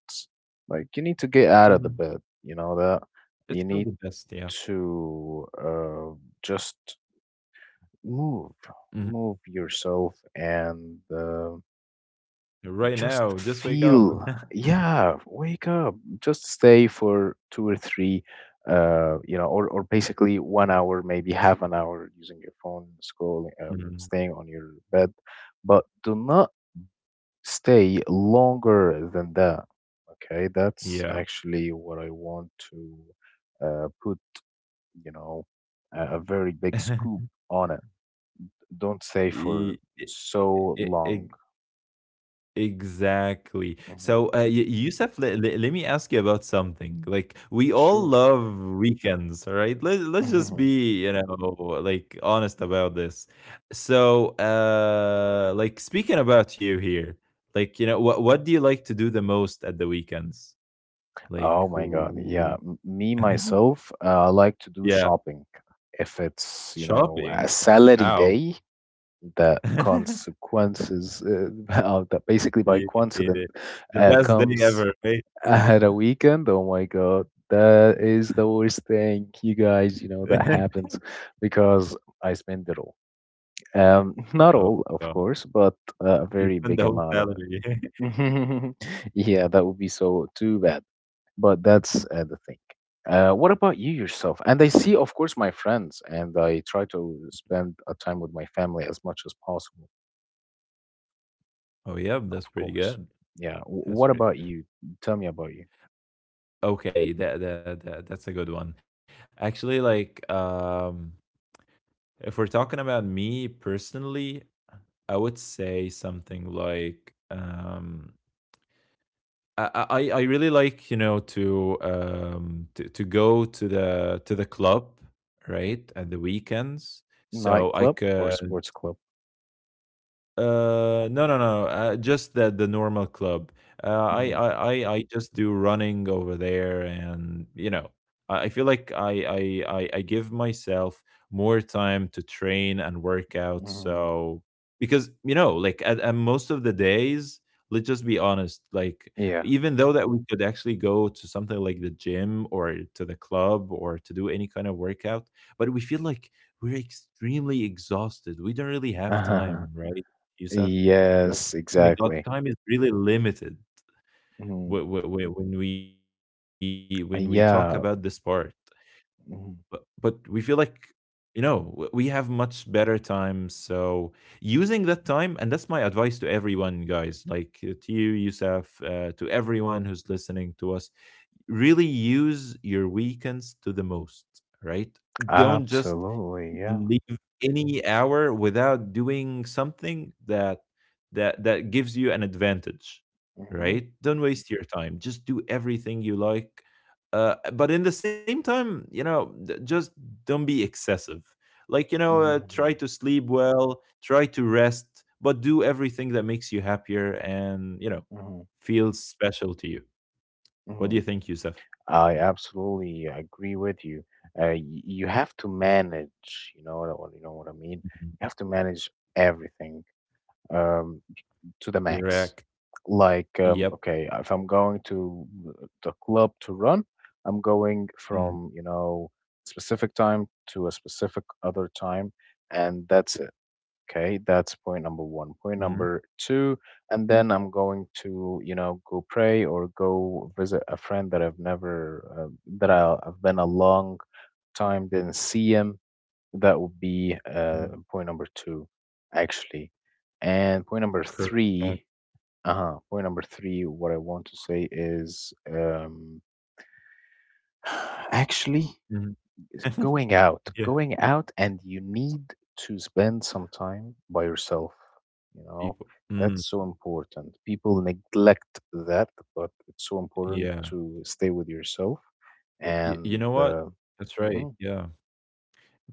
Speaker 1: like, you need to get out of the
Speaker 2: Hmm.
Speaker 1: bed. You know that you
Speaker 2: It's not
Speaker 1: need
Speaker 2: the best. Yeah.
Speaker 1: to uh, just move,
Speaker 2: Hmm.
Speaker 1: move yourself, and uh,
Speaker 2: Right now,
Speaker 1: just
Speaker 2: just wake up.
Speaker 1: feel, yeah, wake up. Just stay for two or three, uh, you know, or, or basically one hour, maybe half an hour using your phone, scrolling, uh,
Speaker 2: Mhm.
Speaker 1: staying on your bed. But do not stay longer than that. Okay, that's
Speaker 2: Yeah.
Speaker 1: actually what I want to uh, put, you know, a, a very big scoop on it. Don't stay
Speaker 2: E-
Speaker 1: for
Speaker 2: e-
Speaker 1: so
Speaker 2: e-
Speaker 1: long.
Speaker 2: Exactly.
Speaker 1: Hmm.
Speaker 2: So, uh, Y- Yusuf, let, let, let me ask you about something. Like, we all
Speaker 1: Sure.
Speaker 2: love weekends, all right? Let, let's just be, you know, like honest about this. So, uh, like, speaking about you here, like, you know, what, what do you like to do the most at the weekends? Like,
Speaker 1: Oh my God. Yeah.
Speaker 2: w-
Speaker 1: M- Me, myself, uh, I like to do
Speaker 2: yeah,
Speaker 1: shopping. If it's, you know, a
Speaker 2: shopping.
Speaker 1: salary
Speaker 2: Ow.
Speaker 1: day, the consequences, uh, uh, that basically by
Speaker 2: Yeah, it
Speaker 1: coincidence,
Speaker 2: is. The
Speaker 1: uh,
Speaker 2: best day
Speaker 1: comes
Speaker 2: ever, right?
Speaker 1: at a weekend. Oh my God. That is the worst thing, you guys, you know, that happens because I spend it all. Um, not
Speaker 2: Oh,
Speaker 1: all, of
Speaker 2: God.
Speaker 1: course, but uh, a
Speaker 2: You
Speaker 1: very
Speaker 2: spend
Speaker 1: big
Speaker 2: the whole
Speaker 1: amount of it.
Speaker 2: salary.
Speaker 1: Yeah, that would be so too bad, but that's uh, the thing. Uh, what about you yourself? And I see, of course, my friends, and I try to spend a time with my family as much as possible,
Speaker 2: Oh,
Speaker 1: of
Speaker 2: yeah, that's
Speaker 1: course.
Speaker 2: pretty good.
Speaker 1: Yeah. wh- What about
Speaker 2: That's pretty
Speaker 1: you?
Speaker 2: good.
Speaker 1: Tell me about you.
Speaker 2: Okay, that that that that's a good one. Actually, like um if we're talking about me personally, I would say something like um I, I really like you know to um to, to go to the to the club right at the weekends so I
Speaker 1: Nightclub or
Speaker 2: could
Speaker 1: sports club?
Speaker 2: uh, no, no, no. Uh, just the the normal club. Uh, I,
Speaker 1: Hmm.
Speaker 2: I, I, I just do running over there, and you know, I, I feel like I, I, I, I give myself more time to train and work out.
Speaker 1: Hmm.
Speaker 2: So because you know, like at, at most of the days, let's just be honest. Like
Speaker 1: Yeah.
Speaker 2: even though that we could actually go to something like the gym or to the club or to do any kind of workout, but we feel like we're extremely exhausted. We don't really have time, right? Yousef. Like,
Speaker 1: Yes,
Speaker 2: oh my God,
Speaker 1: exactly.
Speaker 2: time is really limited
Speaker 1: Hmm.
Speaker 2: whe- whe- whe- when we when we talk about this part.
Speaker 1: Yeah.
Speaker 2: But but we
Speaker 1: Mhm.
Speaker 2: feel like, you know, w- we have much better time. So using that time, and that's my advice to everyone, guys, like uh, to you, Yousef, uh, to everyone who's listening to us, really use your weekends to the most, right? Don't just
Speaker 1: Absolutely. Yeah.
Speaker 2: leave any hour without doing something that that that gives you an advantage,
Speaker 1: Hmm.
Speaker 2: right. Don't waste your time, just do everything you like, uh, but in the same time you know d- just don't be excessive, like you know uh, try
Speaker 1: Hmm.
Speaker 2: to sleep well, try to rest, but do everything that makes you happier and, you know feels special to you. What do
Speaker 1: Hmm.
Speaker 2: you think, Yusuf?
Speaker 1: I absolutely agree with you. Uh, y- you have to manage, you know, what- you know what I mean.
Speaker 2: Mhm.
Speaker 1: You have to manage everything um, to the max.
Speaker 2: Correct.
Speaker 1: Like, um,
Speaker 2: Yep.
Speaker 1: okay, if I'm going to the club to run, I'm going
Speaker 2: Mhm.
Speaker 1: from, you know, specific time to a specific other time, and that's it. Okay, that's point number one. Point
Speaker 2: Mhm.
Speaker 1: number two, and then I'm going to, you know, go pray or go visit a friend that I've never, uh, that I- I've been a long time didn't see him. That would be uh,
Speaker 2: Mhm.
Speaker 1: point number two, actually. And point number
Speaker 2: Correct.
Speaker 1: three, uh huh. Point number three, what I want to say is, um, actually,
Speaker 2: Mm-hmm.
Speaker 1: Going out,
Speaker 2: Yeah,
Speaker 1: going out, and you need to spend some time by yourself. You know,
Speaker 2: people.
Speaker 1: that's
Speaker 2: Mm,
Speaker 1: so important. People neglect that, but it's so important
Speaker 2: yeah.
Speaker 1: to stay with yourself.
Speaker 2: Y y You
Speaker 1: And
Speaker 2: know what?
Speaker 1: uh,
Speaker 2: That's
Speaker 1: hmm,
Speaker 2: right, yeah.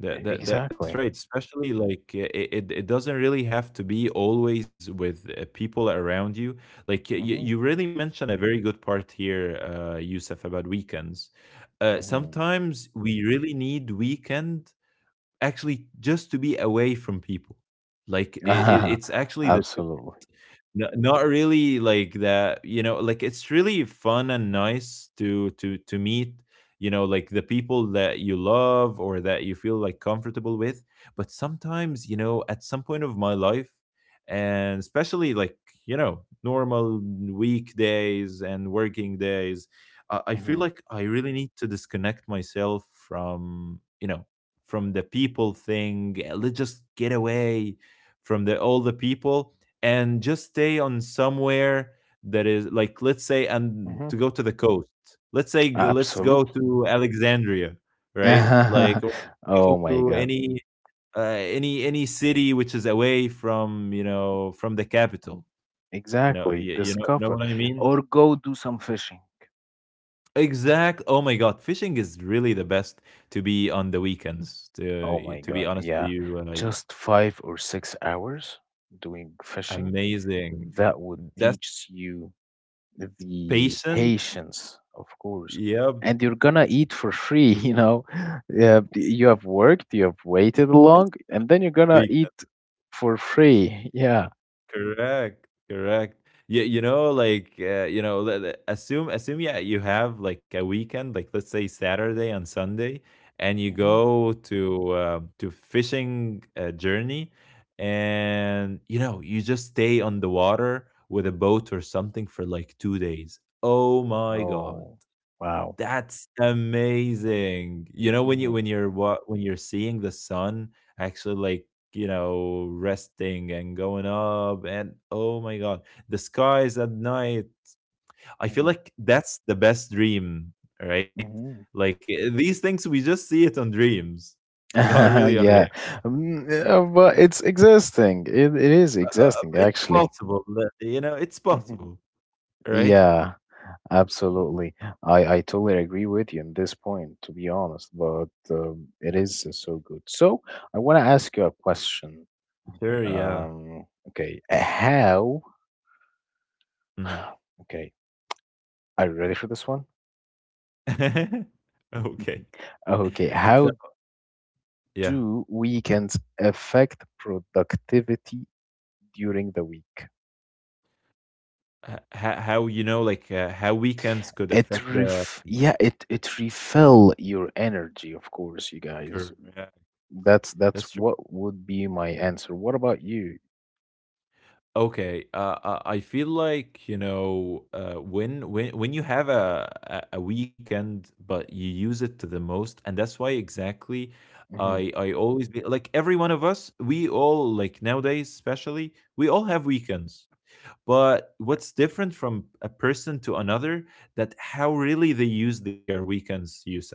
Speaker 2: That that that that's
Speaker 1: exactly.
Speaker 2: right, especially, like, I it it it doesn't really have to be always with, uh, people around you. Like, you
Speaker 1: Hmm.
Speaker 2: you really mentioned a very good part here, uh, Yusuf, about weekends. Uh,
Speaker 1: Hmm.
Speaker 2: sometimes we really need weekend actually just to be away from people. Like, it it it's actually the—
Speaker 1: Absolutely.
Speaker 2: No, not really like that, you know, like it's really fun and nice to to to meet, you know, like the people that you love or that you feel like comfortable with. But sometimes, you know, at some point of my life, and especially like, you know, normal weekdays and working days, I, I feel
Speaker 1: Hmm.
Speaker 2: like I really need to disconnect myself from, you know, from the people thing. eh, Let's just get away from the all the people and just stay on somewhere that is, like, let's say, and
Speaker 1: Hmm.
Speaker 2: to go to the coast. Let's say, g- let's go
Speaker 1: Absolutely.
Speaker 2: to Alexandria, right, like, or go
Speaker 1: Oh my
Speaker 2: to
Speaker 1: God.
Speaker 2: any uh, any any city which is away from, you know from the capital. you know
Speaker 1: Exactly.
Speaker 2: you, you know you know
Speaker 1: Discover
Speaker 2: what I mean.
Speaker 1: or go do some fishing.
Speaker 2: Exact Oh my God, fishing is really the best to be on the weekends,
Speaker 1: Oh
Speaker 2: to
Speaker 1: my
Speaker 2: to be
Speaker 1: God,
Speaker 2: honest with
Speaker 1: yeah.
Speaker 2: you, uh,
Speaker 1: Just five or six hours doing fishing,
Speaker 2: amazing.
Speaker 1: that would
Speaker 2: That's—
Speaker 1: teach you the
Speaker 2: patient.
Speaker 1: patience, of course.
Speaker 2: Yeah.
Speaker 1: And you're gonna eat for free, you know. Yeah, you have worked, you have waited long, and then you're gonna
Speaker 2: Best.
Speaker 1: eat for free. Yeah.
Speaker 2: Correct, correct. Yeah, you know, like, uh, you know, le- le- assume assume yeah, you have like a weekend, like let's say Saturday and Sunday, and you
Speaker 1: Hmm.
Speaker 2: go to um, to fishing uh, journey, and you know, you just stay on the water with a boat or something for like two days. Oh my God!
Speaker 1: Oh, wow.
Speaker 2: That's amazing. You know, when you
Speaker 1: Hmm.
Speaker 2: when you're what when you're seeing the sun, actually like, you know, resting and going up, and oh my God, the skies at night. I feel
Speaker 1: Hmm.
Speaker 2: like that's the best dream, right?
Speaker 1: Hmm.
Speaker 2: Like eh, these things we just see it on dreams, not really on real.
Speaker 1: Yeah. Um, uh, but it's exhausting. It, it is
Speaker 2: Uh, uh, uh,
Speaker 1: exhausting,
Speaker 2: but it's
Speaker 1: actually.
Speaker 2: possible. that- You know, it's possible, right?
Speaker 1: Yeah,
Speaker 2: Mm,
Speaker 1: absolutely. I, I totally agree with you on this point, to be honest, but um, it is uh, so good. So I want to ask you a question.
Speaker 2: sure, yeah.
Speaker 1: Um, okay, uh, how?
Speaker 2: Mhm.
Speaker 1: Okay, are you ready for this one?
Speaker 2: Okay.
Speaker 1: Okay,
Speaker 2: So,
Speaker 1: how
Speaker 2: yeah.
Speaker 1: do weekends affect productivity during the week?
Speaker 2: H ho how, you know, like, uh, how weekends could
Speaker 1: It
Speaker 2: affect the—
Speaker 1: ref Yeah, it it refill your energy, of course, you guys.
Speaker 2: Correct.
Speaker 1: That's that's
Speaker 2: That's true.
Speaker 1: what would be my answer. What about you?
Speaker 2: Okay, uh, uh, I feel like, you know, uh, when when when you have a a a weekend, but you use it to the most, and that's why exactly I
Speaker 1: Hmm.
Speaker 2: I always be like every one of us, we all like nowadays, especially, we all have weekends. But what's different from a person to another that how really they use their weekends, Yusuf.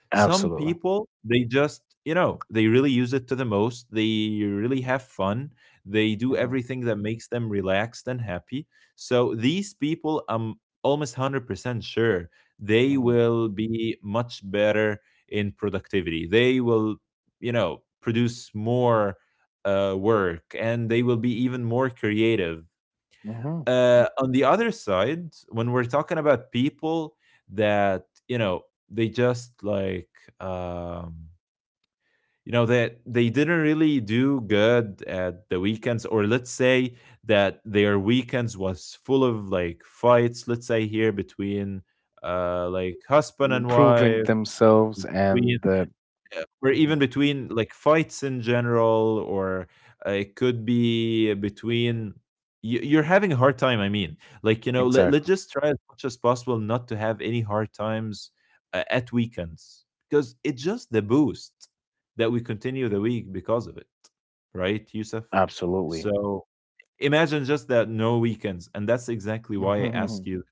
Speaker 2: Some
Speaker 1: Absolutely.
Speaker 2: people they just, you know, they really use it to the most. They really have fun. They do
Speaker 1: Hmm.
Speaker 2: everything that makes them relaxed and happy. So these people, I'm almost one hundred percent sure they
Speaker 1: Hmm.
Speaker 2: will be much better in productivity. They will, you know, produce more uh, work, and they will be even more creative.
Speaker 1: Hmm.
Speaker 2: Uh, on the other side, when we're talking about people that, you know, they just like, um, you know, that they didn't really do good at the weekends, or let's say that their weekends was full of like fights, let's say here between uh, like husband and
Speaker 1: Improving
Speaker 2: wife,
Speaker 1: themselves
Speaker 2: between,
Speaker 1: and uh,
Speaker 2: or even
Speaker 1: mhm,
Speaker 2: between like fights in general, or uh, it could be between— you- you're having a hard time, I mean, like you know let, let's
Speaker 1: exactly.
Speaker 2: just try as much as possible not to have any hard times uh, at weekends, because it's just the boost that we continue the week because of it, right, Yusuf?
Speaker 1: Absolutely.
Speaker 2: So imagine just that no weekends, and that's exactly why I asked you,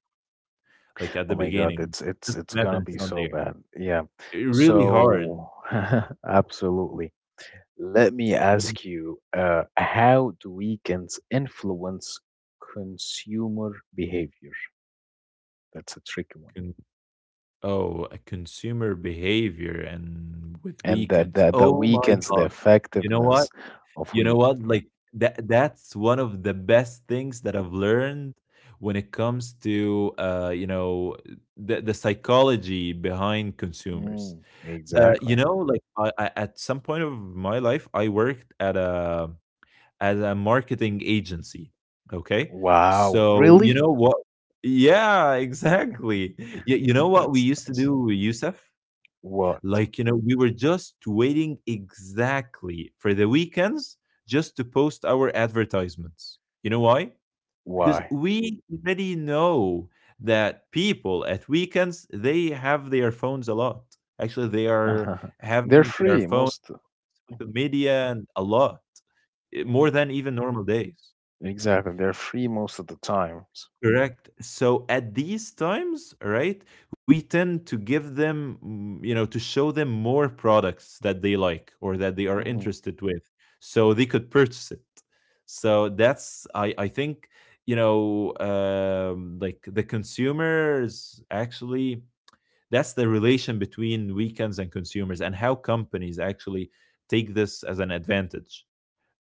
Speaker 2: like, at
Speaker 1: Oh
Speaker 2: the
Speaker 1: my God,
Speaker 2: beginning.
Speaker 1: it's it's
Speaker 2: Just
Speaker 1: it's
Speaker 2: imagine
Speaker 1: gonna
Speaker 2: it's
Speaker 1: be
Speaker 2: not
Speaker 1: so
Speaker 2: there.
Speaker 1: bad. Yeah.
Speaker 2: Really hard.
Speaker 1: So absolutely. Let me ask you, uh, how do weekends influence consumer behavior? That's a tricky,
Speaker 2: Mhm. Oh, a consumer behavior and with
Speaker 1: and
Speaker 2: weekends.
Speaker 1: that that that
Speaker 2: Oh my
Speaker 1: weakens
Speaker 2: God.
Speaker 1: the
Speaker 2: You know what?
Speaker 1: effectiveness of
Speaker 2: You know
Speaker 1: we.
Speaker 2: what?
Speaker 1: Yeah.
Speaker 2: Like, that that's one of the best things that I've learned when it comes to uh, you know, the the psychology behind consumers.
Speaker 1: Mm,
Speaker 2: Uh, you
Speaker 1: exactly.
Speaker 2: know, like I, I, at some point of my life, I worked at a at a marketing agency. Okay.
Speaker 1: Wow.
Speaker 2: So, you
Speaker 1: Really?
Speaker 2: know what? Yeah, exactly. You, you know what we
Speaker 1: That's
Speaker 2: used to
Speaker 1: nice.
Speaker 2: do, Yusuf?
Speaker 1: What?
Speaker 2: Like, you know, we were just waiting exactly for the weekends just to post our advertisements. You know why? Because
Speaker 1: Why?
Speaker 2: we already know that people at weekends, they have their phones a lot. Actually, they are
Speaker 1: They're
Speaker 2: having their
Speaker 1: free
Speaker 2: phone,
Speaker 1: most.
Speaker 2: social
Speaker 1: Mhm.
Speaker 2: media, and a lot, eh, more
Speaker 1: Mhm.
Speaker 2: than even normal days.
Speaker 1: Exactly. They're free most of the times.
Speaker 2: Correct. So at these times, right, we tend to give them, mm, you know, to show them more products that they like or that they are
Speaker 1: Hmm.
Speaker 2: interested with, so they could purchase it. So that's, I, I think, you know, um, like the consumers, actually, that's the relation between weekends and consumers, and how companies actually take this as an advantage.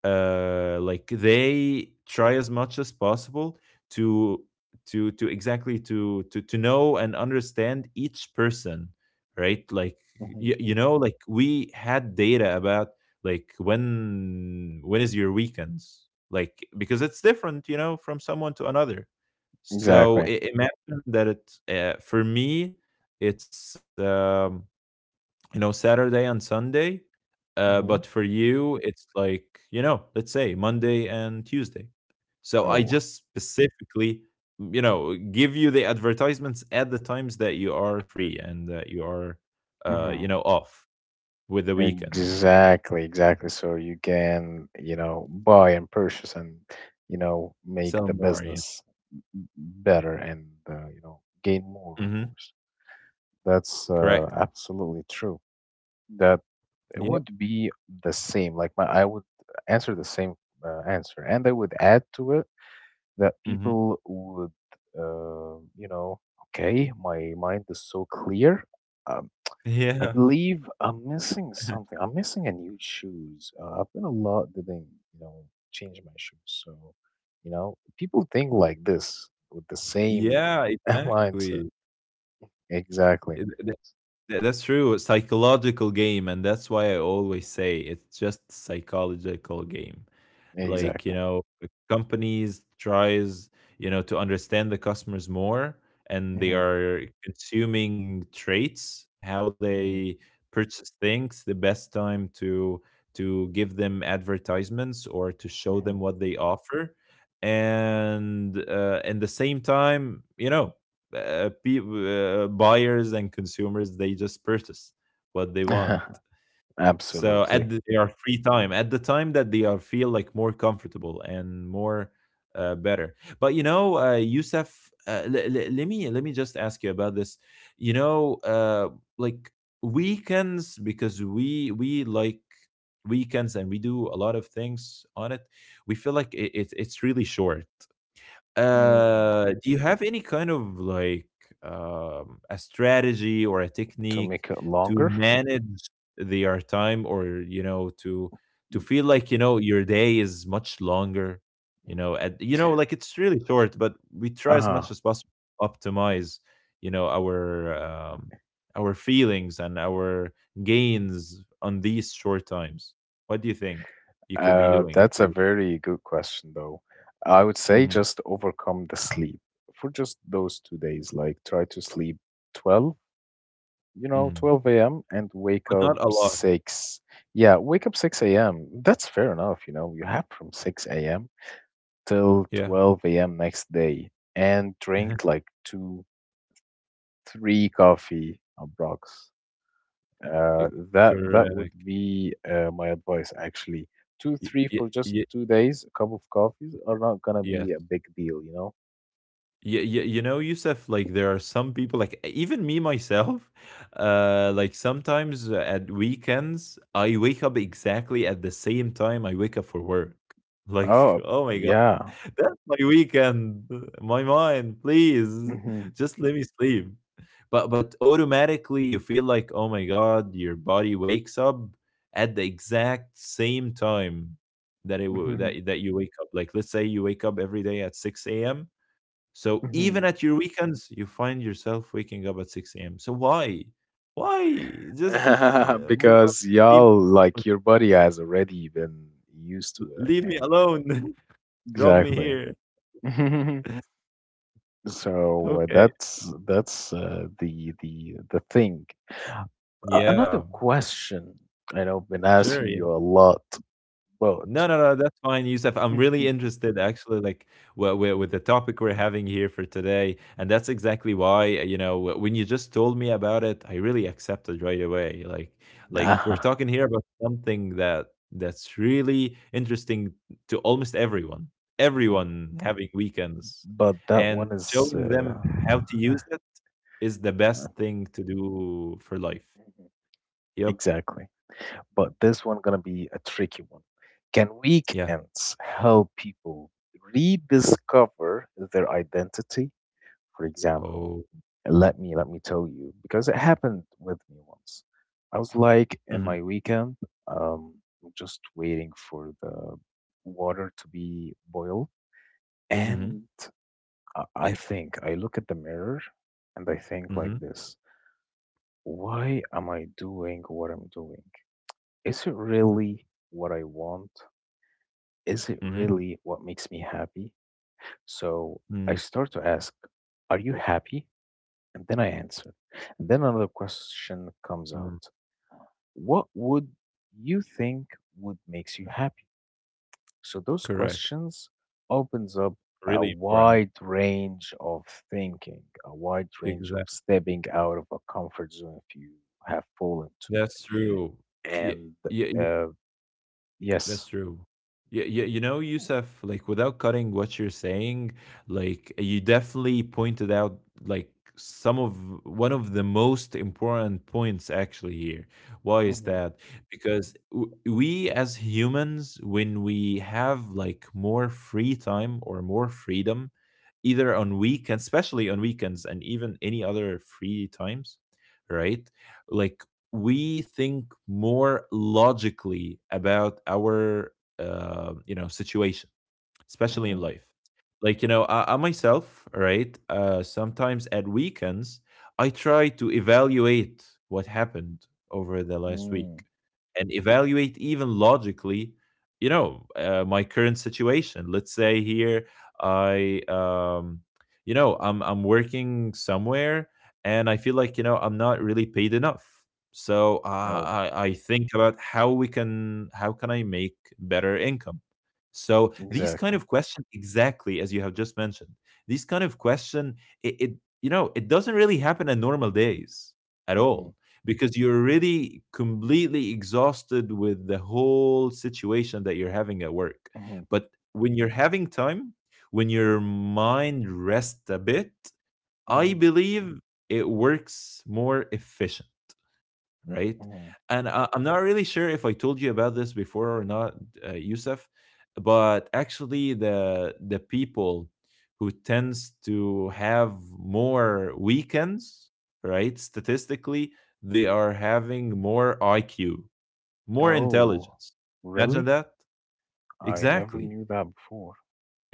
Speaker 2: uh Like they try as much as possible to to to exactly to to to know and understand each person, right? Like
Speaker 1: Hmm.
Speaker 2: you, you know like we had data about like when when is your weekends, like because it's different, you know from someone to another. So
Speaker 1: Exactly.
Speaker 2: I imagine that it, uh, for me, it's um you know Saturday and Sunday, uh, but for
Speaker 1: Hmm.
Speaker 2: you, it's like, you know, let's say Monday and Tuesday. So I
Speaker 1: Oh.
Speaker 2: just specifically, mm, you know, give you the advertisements at the times that you are free and that you are, uh, you
Speaker 1: Hmm.
Speaker 2: know, off with the weekends.
Speaker 1: Exactly. Exactly. So you can, you know, buy and purchase, and, you know, make
Speaker 2: Sell
Speaker 1: the
Speaker 2: more. Yeah.
Speaker 1: business better, and uh, you know gain more, of
Speaker 2: Hmm.
Speaker 1: course. That's uh,
Speaker 2: Correct.
Speaker 1: absolutely true. That it
Speaker 2: Yeah.
Speaker 1: would be the same, like my, I would answer the same uh, answer, and I would add to it that
Speaker 2: Hmm.
Speaker 1: people would uh, you know okay, my mind is so clear. um, I
Speaker 2: Yeah.
Speaker 1: believe I'm missing something. I'm missing a new shoes. uh, I've been a lot, didn't you know change my shoes. So, you know people think like this with the same
Speaker 2: Yeah,
Speaker 1: mindset.
Speaker 2: exactly.
Speaker 1: Exactly.
Speaker 2: It- th- th- That's true. A psychological game, and that's why I always say
Speaker 1: Mhm.
Speaker 2: it's just psychological game. Like you
Speaker 1: Exactly.
Speaker 2: know companies tries you know to understand the customers more, and they
Speaker 1: Hmm.
Speaker 2: are consuming traits, how
Speaker 1: Hmm.
Speaker 2: they purchase things, the best time to to give them advertisements or to show them
Speaker 1: Hmm.
Speaker 2: what they offer. And uh, in the same time, you know uh, pe- uh, buyers and consumers, they just purchase what they want. So at
Speaker 1: Absolutely.
Speaker 2: the, their free time, at the time that they are feel like more comfortable and more uh, better. But you know, uh, Yusuf, uh, l- l- let me let me just ask you about this. You know, uh, like weekends, because we we like weekends and we do a lot of things on it. We feel like it, it it's really short.
Speaker 1: Mm.
Speaker 2: Uh, do you have any kind of like um, a strategy or a
Speaker 1: To
Speaker 2: technique
Speaker 1: make it
Speaker 2: to
Speaker 1: longer?
Speaker 2: manage their time, or you know, to to
Speaker 1: Mm.
Speaker 2: feel like you know your day is much longer? You know, at, you know, like, it's really short, but we try as much
Speaker 1: Uh-huh.
Speaker 2: as possible to optimize, you know, our um, our feelings and our gains on these short times. What do you think you could be
Speaker 1: Uh,
Speaker 2: doing
Speaker 1: that's
Speaker 2: to,
Speaker 1: a very good question, though. I would say
Speaker 2: mhm,
Speaker 1: just overcome the sleep for just those two days. Like, try to sleep twelve, you know,
Speaker 2: mhm,
Speaker 1: twelve a m and
Speaker 2: but
Speaker 1: wake
Speaker 2: not
Speaker 1: up
Speaker 2: a lot?
Speaker 1: six. Yeah, wake up six a m. That's fair enough, you know. You have from six a m till
Speaker 2: Yeah.
Speaker 1: twelve a m next day and drink like two, three coffee approximately.
Speaker 2: Uh,
Speaker 1: Uh, that that
Speaker 2: Correct.
Speaker 1: would be uh, my advice actually.
Speaker 2: Y
Speaker 1: Two,
Speaker 2: y
Speaker 1: three for
Speaker 2: y
Speaker 1: just two days, a cup of coffees are not gonna be a
Speaker 2: Yes.
Speaker 1: big deal, you know?
Speaker 2: Yeah, yeah, you know, Yusuf, like there are some people, like even me myself, uh, like sometimes uh, at weekends, I wake up exactly at the same time I wake up for work. Like,
Speaker 1: Oh,
Speaker 2: oh my God,
Speaker 1: yeah.
Speaker 2: that's my weekend. My mind, please,
Speaker 1: Hmm.
Speaker 2: just let me sleep. But but automatically you feel like, oh my God, your body wakes up at the exact same time that it w-
Speaker 1: Hmm.
Speaker 2: that that you wake up. Like, let's say you wake up every day at six a.m, so even
Speaker 1: Hmm.
Speaker 2: at your weekends, you find yourself waking up at six a m. So why? Why? Just, oh my God,
Speaker 1: Because
Speaker 2: leave,
Speaker 1: y'all, like, your body has already been used to it.
Speaker 2: leave me
Speaker 1: And
Speaker 2: alone. Drop me
Speaker 1: exactly.
Speaker 2: here.
Speaker 1: So, uh,
Speaker 2: Okay.
Speaker 1: that's that's uh, the the the thing. A-
Speaker 2: Yeah,
Speaker 1: another question, I know I've been
Speaker 2: sure.
Speaker 1: asking
Speaker 2: Yeah.
Speaker 1: you a lot,
Speaker 2: No,
Speaker 1: but
Speaker 2: no, no, that's fine, Yusuf. I'm really
Speaker 1: Mhm.
Speaker 2: interested, actually, like w- w-
Speaker 1: Mhm.
Speaker 2: with the topic we're having here for today, and that's exactly why you know w- when you just told me about it, I really accepted right away. Like, like we're
Speaker 1: Ah,
Speaker 2: talking here about something that that's really interesting to almost everyone.
Speaker 1: mhm.
Speaker 2: Everyone having weekends,
Speaker 1: But that one
Speaker 2: and
Speaker 1: is
Speaker 2: showing
Speaker 1: uh,
Speaker 2: them how to use it, is the best thing to do for life. Yep.
Speaker 1: exactly. But this one gonna be a tricky one. Can
Speaker 2: Yeah.
Speaker 1: weekends help people rediscover their identity? For example,
Speaker 2: Oh.
Speaker 1: let me let me tell you, because it happened with me once. I was like
Speaker 2: Mm-hmm.
Speaker 1: in my weekend, um, just waiting for the water to be boiled,
Speaker 2: Mm-hmm.
Speaker 1: and I I think I look at the mirror and I think like
Speaker 2: Mm-hmm.
Speaker 1: this: why am I doing what I'm doing? Is it really what I want? Is it
Speaker 2: Mm-hmm.
Speaker 1: really what makes me happy? So I
Speaker 2: Mm-hmm.
Speaker 1: start to ask, are you happy? And then I answer. And then another question comes
Speaker 2: Mm,
Speaker 1: out. What would you think would makes you happy? So those
Speaker 2: correct.
Speaker 1: questions opens up a
Speaker 2: Really important.
Speaker 1: wide range of thinking, a wide range of
Speaker 2: Exactly.
Speaker 1: stepping out of a comfort zone if you have fallen to
Speaker 2: That's
Speaker 1: it.
Speaker 2: true. Yeah,
Speaker 1: And
Speaker 2: yeah.
Speaker 1: uh,
Speaker 2: That's
Speaker 1: yes,
Speaker 2: true. Yeah, yeah, you know,
Speaker 1: mhm,
Speaker 2: Yusuf, like without cutting what you're saying, like you definitely pointed out, like some of one of the most important points actually here. Why is that? Because w- we, as humans, when we have like more free time or more freedom, either on weekends, especially on weekends and even any other free times, right? Like we think more logically about our uh, you know situation, especially in
Speaker 1: mhm,
Speaker 2: life. Like you know i, I myself, right, uh, sometimes at weekends, I try to evaluate what happened over the last week,
Speaker 1: mm.
Speaker 2: and evaluate even logically, you know uh, my current situation. Let's say here, i um you know i'm I'm working somewhere and I feel like you know I'm not really paid enough. So
Speaker 1: Oh,
Speaker 2: uh, i i think about how we can how can I make better income. So these
Speaker 1: exactly.
Speaker 2: kind of question, exactly as you have just mentioned. These kind of question, it, it you know, it doesn't really happen on normal days at
Speaker 1: Mhm.
Speaker 2: all, because you're really completely exhausted with the whole situation that you're having at work.
Speaker 1: Mhm.
Speaker 2: But when you're having time, when your mind rests a bit, I
Speaker 1: Mhm.
Speaker 2: believe it works more efficient, right?
Speaker 1: Mhm.
Speaker 2: And I, I'm not really sure if I told you about this before or not, uh, Yusuf, but actually the the people who tends to have more weekends, right? Statistically, they are having more I Q, more
Speaker 1: Oh,
Speaker 2: intelligence. Imagine
Speaker 1: really?
Speaker 2: that.
Speaker 1: I
Speaker 2: Exactly.
Speaker 1: never knew that before.
Speaker 2: Y-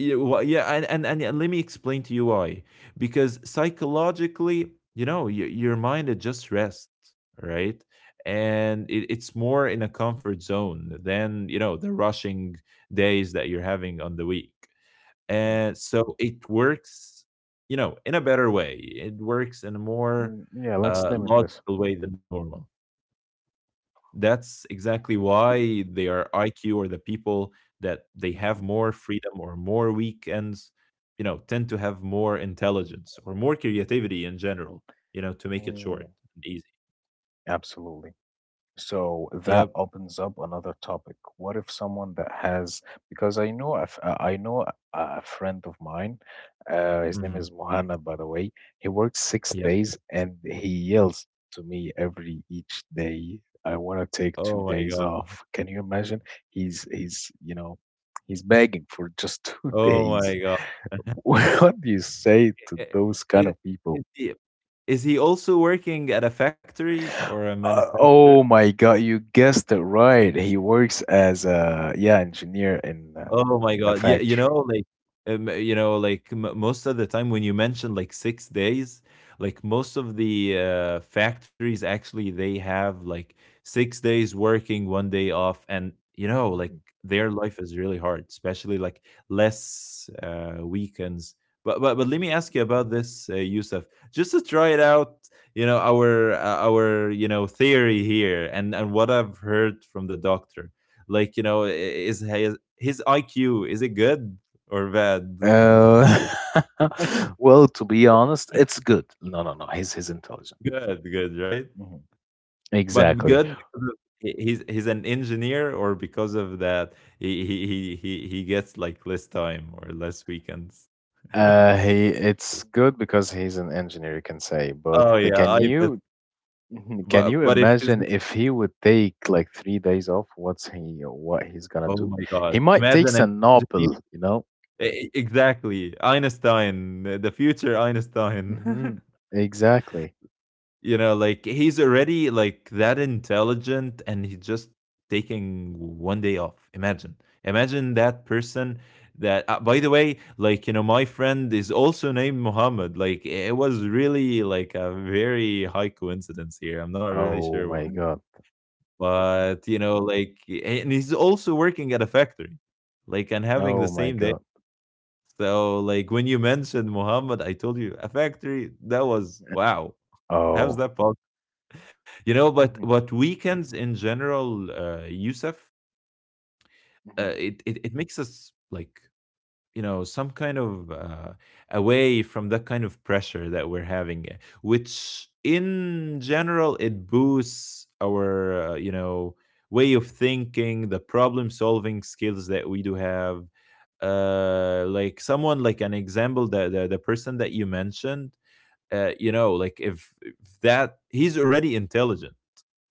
Speaker 2: y- wha- yeah, and, and and and let me explain to you why. Because psychologically, you know your, your mind, it just rests, right, and it, it's more in a comfort zone than, you know the rushing days that you're having on the week.
Speaker 1: Mhm.
Speaker 2: And so it works, you know in a better way, it works in a more
Speaker 1: Mm. Yeah, let's
Speaker 2: uh,
Speaker 1: name it this
Speaker 2: logical way than normal. That's exactly
Speaker 1: one.
Speaker 2: why their I Q, or the people that they have
Speaker 1: Mhm.
Speaker 2: more freedom or more weekends, you know, tend to have more intelligence or more creativity in general, you know, to make it short
Speaker 1: Mm.
Speaker 2: and easy.
Speaker 1: Absolutely. So
Speaker 2: Yep.
Speaker 1: that opens up another topic. What if someone that has, because I know a f- uh, I know a a friend of mine, uh, his name
Speaker 2: Hmm.
Speaker 1: is Mohanna, by the way. He works six
Speaker 2: Yep.
Speaker 1: days and he yells to me every each day, I want to take
Speaker 2: Oh
Speaker 1: two
Speaker 2: my
Speaker 1: days
Speaker 2: God.
Speaker 1: off. Can you imagine? He's he's you know, he's begging for just two
Speaker 2: Oh
Speaker 1: days.
Speaker 2: my God.
Speaker 1: What do you say to
Speaker 2: I- i-
Speaker 1: those kind
Speaker 2: Is,
Speaker 1: of
Speaker 2: is
Speaker 1: people?
Speaker 2: he, is he also working at a factory or a
Speaker 1: Uh,
Speaker 2: manufacturer?
Speaker 1: oh my God, you guessed it right. He works as a, yeah, engineer in uh,
Speaker 2: Oh my
Speaker 1: in a
Speaker 2: god. Yeah, you
Speaker 1: factory.
Speaker 2: know, like, um, you know, like m most of the time when you mention like six days, like most of the uh, factories, actually they have like six days working, one day off, and you know, like
Speaker 1: Mm,
Speaker 2: their life is really hard, especially like less uh, weekends. But, but but let me ask you about this, uh, Yusuf, just to try it out. You know our uh, our you know theory here, and and what I've heard from the doctor, like, you know i- is his I Q, is it good or bad?
Speaker 1: mhm. Uh, well, to be honest, it's good. No, no, no. He's he's intelligent.
Speaker 2: Good, good, right?
Speaker 1: Mhm.
Speaker 2: But
Speaker 1: Exactly.
Speaker 2: good because of he- he's he's an engineer, or because of that he he he he he gets like less time or less weekends.
Speaker 1: Uh, he it's good because he's an engineer, you can say. But
Speaker 2: Oh yeah,
Speaker 1: can
Speaker 2: I bet.
Speaker 1: you can
Speaker 2: But
Speaker 1: you
Speaker 2: but if he's,
Speaker 1: imagine if he would take like three days off? What's he what he's gonna
Speaker 2: oh my
Speaker 1: do?
Speaker 2: god,
Speaker 1: He might take
Speaker 2: imagine an
Speaker 1: a
Speaker 2: engineer.
Speaker 1: nopal, you know
Speaker 2: E- e- Exactly, Einstein, the future Einstein.
Speaker 1: Mhm. Exactly.
Speaker 2: You know, like he's already like that intelligent and he's just taking one day off, imagine, imagine that person. That, uh, by the way, like, you know my friend is also named Muhammad. Like, it was really like a very high coincidence here, I'm not really
Speaker 1: Oh
Speaker 2: sure
Speaker 1: my
Speaker 2: why,
Speaker 1: God. Mhm.
Speaker 2: but you know like, and he's also working at a factory, like, and having
Speaker 1: Oh
Speaker 2: the
Speaker 1: my
Speaker 2: same day.
Speaker 1: God.
Speaker 2: So like when you mentioned Muhammad, I told you a factory, that was wow,
Speaker 1: Oh.
Speaker 2: how's that possible? You know, but
Speaker 1: Mhm.
Speaker 2: but weekends in general, uh, Yusuf,
Speaker 1: Mhm.
Speaker 2: uh, it, it it makes us like, you know some kind of, uh, away from that kind of pressure that we're having, uh, which in general, it boosts our uh, you know way of thinking, the problem solving skills that we do have. Uh, like someone, like an example, the the, the person that you mentioned, uh, you know, like, if, if that he's already intelligent,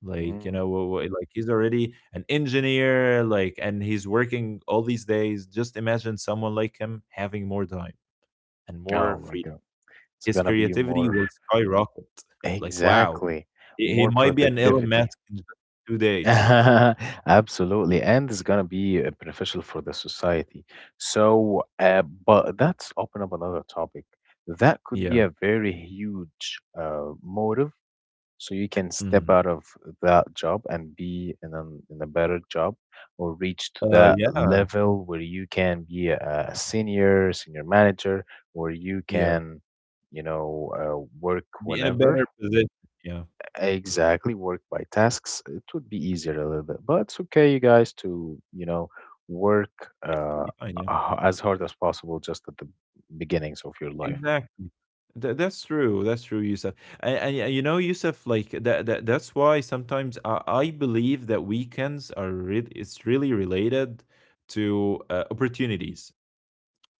Speaker 2: like, you
Speaker 1: Mm.
Speaker 2: know wh- wh- like he's already an engineer, like, and he's working all these days. Just imagine someone like him having more time and
Speaker 1: Oh
Speaker 2: more
Speaker 1: my
Speaker 2: freedom,
Speaker 1: God. It's
Speaker 2: his
Speaker 1: gonna be
Speaker 2: creativity
Speaker 1: more.
Speaker 2: will skyrocket. Like wow,
Speaker 1: Exactly.
Speaker 2: he, he
Speaker 1: More
Speaker 2: might be an Elon
Speaker 1: productivity.
Speaker 2: Musk in just two days.
Speaker 1: Absolutely, and it's gonna be uh, beneficial for the society. So, uh, but that's open up another topic. That could be
Speaker 2: Yeah.
Speaker 1: a very huge uh, motive, so you can
Speaker 2: Mm.
Speaker 1: step out of that job and be in a, in a better job, or reach to
Speaker 2: Uh,
Speaker 1: that
Speaker 2: yeah,
Speaker 1: level where you can be a, a senior senior manager, or you
Speaker 2: yeah,
Speaker 1: can you know uh, work
Speaker 2: be in a
Speaker 1: whenever.
Speaker 2: better position, yeah,
Speaker 1: Exactly, work by tasks. It would be easier a little bit, but it's okay, you guys, to you know work,
Speaker 2: it's totally
Speaker 1: uh,
Speaker 2: fine, yeah.
Speaker 1: h- as hard as possible, just at the beginnings of your life.
Speaker 2: Exactly. Tha that's true. That's true, Yusuf. And, and, and you know, Yusuf, like that, that that's why sometimes I, I believe that weekends are re- it's really related to uh, opportunities.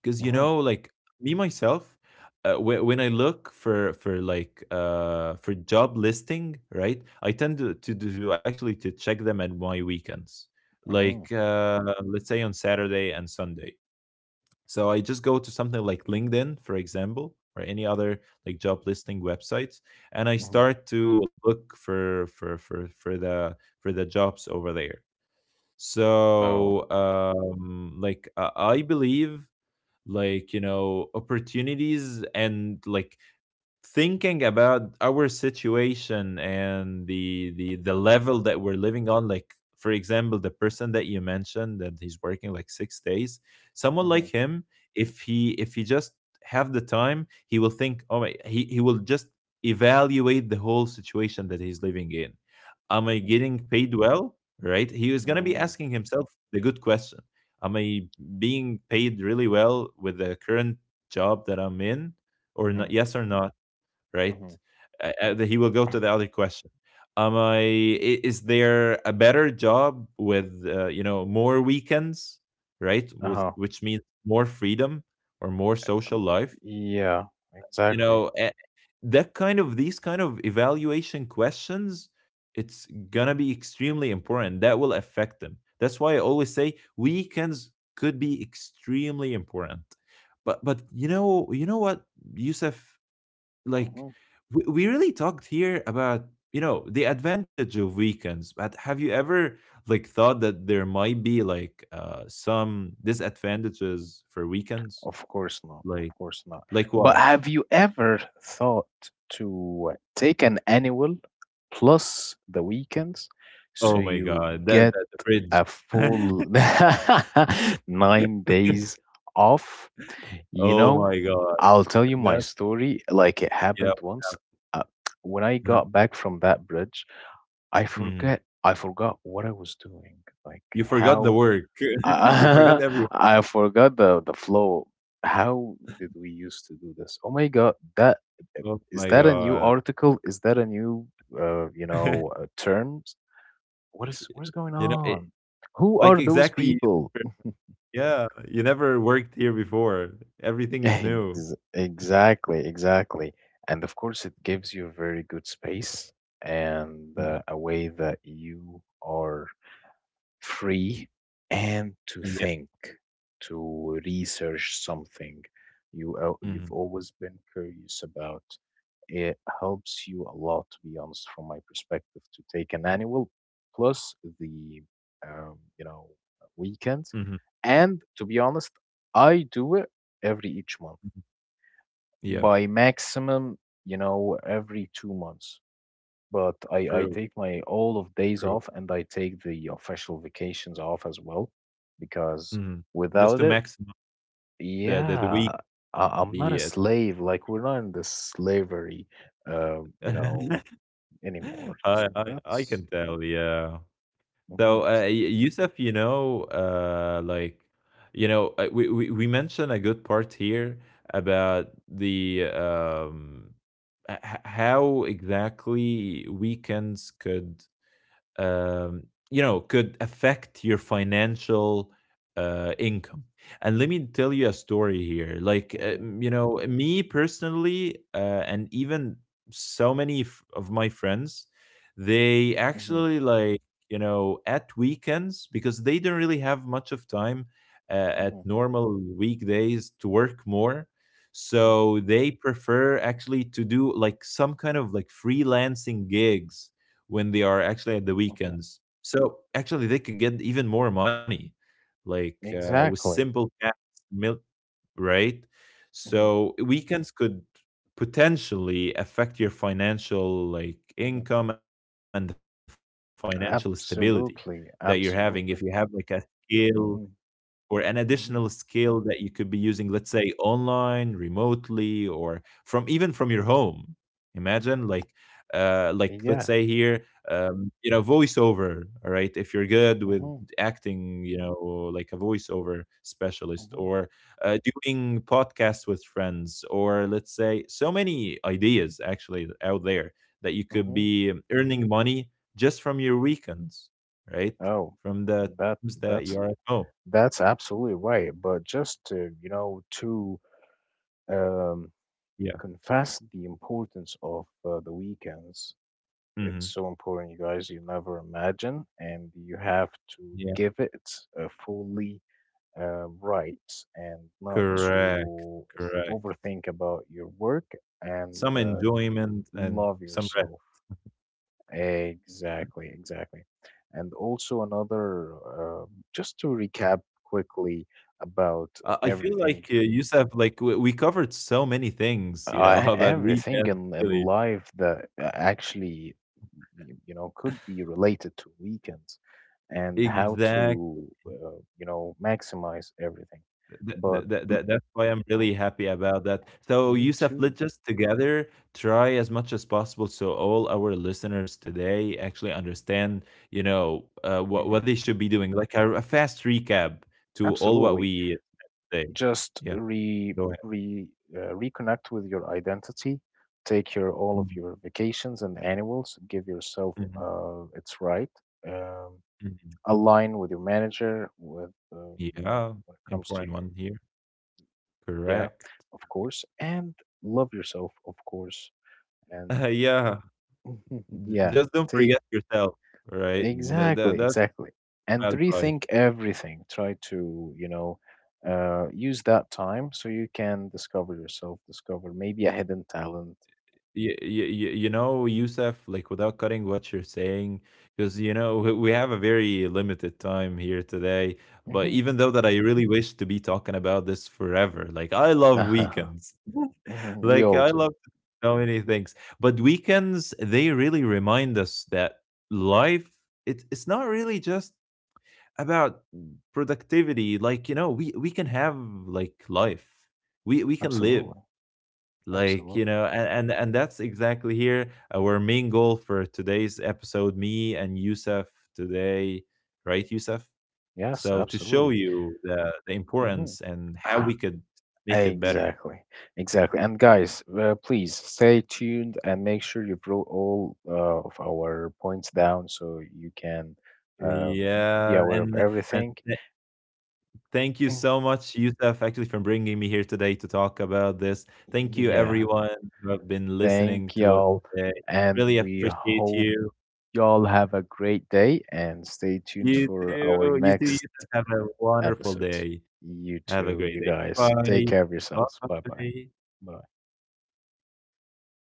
Speaker 2: Because you
Speaker 1: Hmm.
Speaker 2: know, like me myself, uh, whe- when I look for for like uh for job listing, right? I tend to to, do actually to check them at my weekends.
Speaker 1: Hmm.
Speaker 2: Like uh let's say on Saturday and Sunday. So I just go to something like LinkedIn, for example, or any other like job listing websites, and I
Speaker 1: Hmm.
Speaker 2: start to look for for for for the for the jobs over there.
Speaker 1: Oh.
Speaker 2: So um, like uh, I believe, like, you know opportunities, and like thinking about our situation and the the the level that we're living on. Like for example the person that you mentioned that he's working like six days, someone like
Speaker 1: Hmm.
Speaker 2: him, if he if he just have the time, he will think oh my, he, he will just evaluate the whole situation that he's living in. Am I getting paid well, right? He is going to be
Speaker 1: Hmm.
Speaker 2: asking himself the good question. Am I being paid really well with the current job that I'm in, or
Speaker 1: Hmm.
Speaker 2: not? Yes or no, right?
Speaker 1: Mhm.
Speaker 2: Uh, uh, he will go to the other question. Am I? i- Is there a better job with uh, you know more weekends, right? With,
Speaker 1: Uh-huh.
Speaker 2: which means more freedom or more social life.
Speaker 1: Yeah,
Speaker 2: You
Speaker 1: exactly.
Speaker 2: know, a- that kind of these kind of evaluation questions, it's gonna be extremely important that will affect them. That's why I always say weekends could be extremely important. But but you know you know what, Yusuf, like
Speaker 1: Mhm.
Speaker 2: we, we really talked here about, you know the advantage of weekends, but have you ever like thought that there might be like uh some disadvantages for weekends?
Speaker 1: Of course not. Of
Speaker 2: Like,
Speaker 1: course not.
Speaker 2: like
Speaker 1: But
Speaker 2: what?
Speaker 1: have you ever thought to take an annual plus the weekends
Speaker 2: Oh
Speaker 1: so
Speaker 2: my
Speaker 1: you
Speaker 2: god, that that
Speaker 1: get
Speaker 2: the bridge.
Speaker 1: a full nine days off? You
Speaker 2: Oh
Speaker 1: know,
Speaker 2: my god,
Speaker 1: I'll tell you my
Speaker 2: that,
Speaker 1: story. Like it
Speaker 2: yeah.
Speaker 1: happened once. Uh, when I
Speaker 2: Uh-huh.
Speaker 1: got back from that bridge, I
Speaker 2: Mhm.
Speaker 1: forget. I forgot what I was doing, like
Speaker 2: You forgot the
Speaker 1: how
Speaker 2: work. You forgot
Speaker 1: I,
Speaker 2: every,
Speaker 1: I forgot the the flow. How did we used to do this? Oh my God, that eh,
Speaker 2: oh
Speaker 1: is
Speaker 2: my
Speaker 1: that a new
Speaker 2: god.
Speaker 1: article? Is that a new uh, you know uh, terms? What is what is
Speaker 2: you
Speaker 1: going
Speaker 2: know it,
Speaker 1: on? Who
Speaker 2: like,
Speaker 1: are those
Speaker 2: exactly,
Speaker 1: people?
Speaker 2: yeah, you never worked here before, everything is new.
Speaker 1: Ex- exactly, exactly. And of course, it gives you a very good space and
Speaker 2: Mm.
Speaker 1: uh, a way that you are free and to
Speaker 2: Yeah.
Speaker 1: think, to research something you al-
Speaker 2: Mhm.
Speaker 1: you've always been curious about. It helps you a lot, to be honest, from my perspective, to take an annual plus the um, you know weekends.
Speaker 2: Mhm.
Speaker 1: And to be honest, I do it every each month
Speaker 2: Yeah.
Speaker 1: by maximum, you know, every two months, but I, I
Speaker 2: True.
Speaker 1: take my all of days
Speaker 2: True.
Speaker 1: off, and I take the official vacations off as well, because
Speaker 2: Mhm. Just to
Speaker 1: without it,
Speaker 2: maximize the the the
Speaker 1: yeah,
Speaker 2: week,
Speaker 1: I, I'm not a
Speaker 2: the uh,
Speaker 1: slave. Like, we're not in the slavery, uh, you know, anymore. So
Speaker 2: I I I
Speaker 1: that's
Speaker 2: can tell, yeah.
Speaker 1: hmm,
Speaker 2: So, uh, Y- Yusuf, you know, uh, like, you know, uh, we we we mentioned a good part here about the um h- h- how exactly weekends could um, you know could affect your financial uh, income. And let me tell you a story here. Like, uh,
Speaker 1: hmm,
Speaker 2: you know, me personally, uh, and even so many f- of my friends, they
Speaker 1: hmm,
Speaker 2: actually, like, you know at weekends, because they don't really have much of time uh, at
Speaker 1: hmm,
Speaker 2: normal weekdays to work more, so they prefer actually to do like some kind of like freelancing gigs when they are actually at the
Speaker 1: hmm,
Speaker 2: weekends. So actually, they could get even more money, like, uh, with
Speaker 1: exactly.
Speaker 2: simple cats, milk, right?
Speaker 1: Hmm.
Speaker 2: So weekends could potentially affect your financial
Speaker 1: Hmm.
Speaker 2: like income and the financial stability
Speaker 1: Absolutely,
Speaker 2: that you're having, if
Speaker 1: absolutely.
Speaker 2: you have like a skill
Speaker 1: Hmm.
Speaker 2: or an
Speaker 1: Hmm.
Speaker 2: additional skill that you could be using, let's say online, remotely, or from even from your home. Imagine like, uh like, let's
Speaker 1: Yeah.
Speaker 2: say here, um you know voiceover, all right, if you're good with
Speaker 1: Hmm.
Speaker 2: acting, you know like a voiceover specialist,
Speaker 1: Hmm.
Speaker 2: or uh, doing podcasts with friends, or let's say, so many ideas actually out there that you could
Speaker 1: Hmm.
Speaker 2: be earning money just from your weekends, right?
Speaker 1: Oh,
Speaker 2: From the,
Speaker 1: that
Speaker 2: seems that you are
Speaker 1: that's
Speaker 2: at home.
Speaker 1: that's absolutely right. But just to, you know, to um,
Speaker 2: Yeah.
Speaker 1: confess the importance of uh, the weekends, it's
Speaker 2: Mhm.
Speaker 1: so important, you guys. You never imagine, and you have to
Speaker 2: Yeah.
Speaker 1: give it a fully uh, right, and not
Speaker 2: Correct,
Speaker 1: to
Speaker 2: correct.
Speaker 1: overthink about your work and
Speaker 2: Some
Speaker 1: uh,
Speaker 2: enjoyment and
Speaker 1: love
Speaker 2: some rest.
Speaker 1: yourself. Exactly, exactly. And also another, uh, just to recap quickly about
Speaker 2: Uh, I feel like,
Speaker 1: everything.
Speaker 2: uh, Youssef, like, we we covered so many things, you know,
Speaker 1: Uh,
Speaker 2: about
Speaker 1: everything
Speaker 2: weekends,
Speaker 1: in, in
Speaker 2: really.
Speaker 1: life that uh, actually, y- you know, could be related to weekends, and how
Speaker 2: Exact.
Speaker 1: to, uh, you know, maximize everything.
Speaker 2: Th th
Speaker 1: But
Speaker 2: th
Speaker 1: l-
Speaker 2: th That's why I'm really happy about that. So,
Speaker 1: me
Speaker 2: Youssef,
Speaker 1: too.
Speaker 2: let's just together try as much as possible, so all our listeners today actually understand, you know, uh, what what they
Speaker 1: Hmm.
Speaker 2: should be doing, like a a fast recap to all what
Speaker 1: Absolutely.
Speaker 2: we Day.
Speaker 1: Just
Speaker 2: Yeah,
Speaker 1: re
Speaker 2: go ahead.
Speaker 1: re uh, reconnect with your identity. Take your all of
Speaker 2: Mhm,
Speaker 1: your vacations and annuals. Give yourself
Speaker 2: mhm,
Speaker 1: uh, it's right. Um,
Speaker 2: mhm.
Speaker 1: align with your manager. With uh, you
Speaker 2: Yeah,
Speaker 1: know, when it comes
Speaker 2: important
Speaker 1: to your...
Speaker 2: one here.
Speaker 1: Yeah,
Speaker 2: Correct,
Speaker 1: of
Speaker 2: correct.
Speaker 1: course. And love yourself, of course. And
Speaker 2: Yeah, j
Speaker 1: yeah,
Speaker 2: just don't
Speaker 1: take,
Speaker 2: forget yourself, right? Tha that's
Speaker 1: exactly, exactly.
Speaker 2: my
Speaker 1: And
Speaker 2: advice.
Speaker 1: rethink everything. Try to, you know, uh, use that time so you can discover yourself, discover maybe a hidden talent.
Speaker 2: you, you, you know, Youssef, like, without cutting what you're saying, because, you know we we have a very limited time here today. But
Speaker 1: Hmm.
Speaker 2: even though that I really wish to be talking about this forever, like, I love weekends,
Speaker 1: We
Speaker 2: like
Speaker 1: all
Speaker 2: I
Speaker 1: do.
Speaker 2: love so many things. But weekends, they really remind us that life, it's it's not really just about productivity. Like, you know, we we can have like life. We we can live,
Speaker 1: Absolutely.
Speaker 2: like, you
Speaker 1: Absolutely.
Speaker 2: know and and, and that's exactly here, uh, our main goal for today's episode, me and Yusuf today, right Yusuf?
Speaker 1: Yes,
Speaker 2: So to show
Speaker 1: absolutely.
Speaker 2: you the the
Speaker 1: Hmm.
Speaker 2: importance and how we could make it better.
Speaker 1: Exactly, exactly. And guys, uh, please stay tuned and make sure you put all uh, of our points down so you can uh, be
Speaker 2: Yeah,
Speaker 1: aware of
Speaker 2: and and
Speaker 1: everything.
Speaker 2: th- thank you
Speaker 1: Mm.
Speaker 2: so much, Yusuf, actually, for bringing me here today to talk about this. Thank you,
Speaker 1: Yeah,
Speaker 2: everyone who have been listening
Speaker 1: thank
Speaker 2: to us
Speaker 1: y'all.
Speaker 2: today,
Speaker 1: And
Speaker 2: really
Speaker 1: we
Speaker 2: appreciate
Speaker 1: hope
Speaker 2: you.
Speaker 1: y'all have a great day and stay
Speaker 2: You
Speaker 1: tuned for
Speaker 2: too, you
Speaker 1: our
Speaker 2: too Yusuf,
Speaker 1: next
Speaker 2: have a wonderful
Speaker 1: episodes.
Speaker 2: day.
Speaker 1: You
Speaker 2: Have a
Speaker 1: too,
Speaker 2: great
Speaker 1: you
Speaker 2: day.
Speaker 1: guys. Take
Speaker 2: Bye-bye.
Speaker 1: care of yourselves. Bye bye.
Speaker 2: Bye.
Speaker 1: Bye.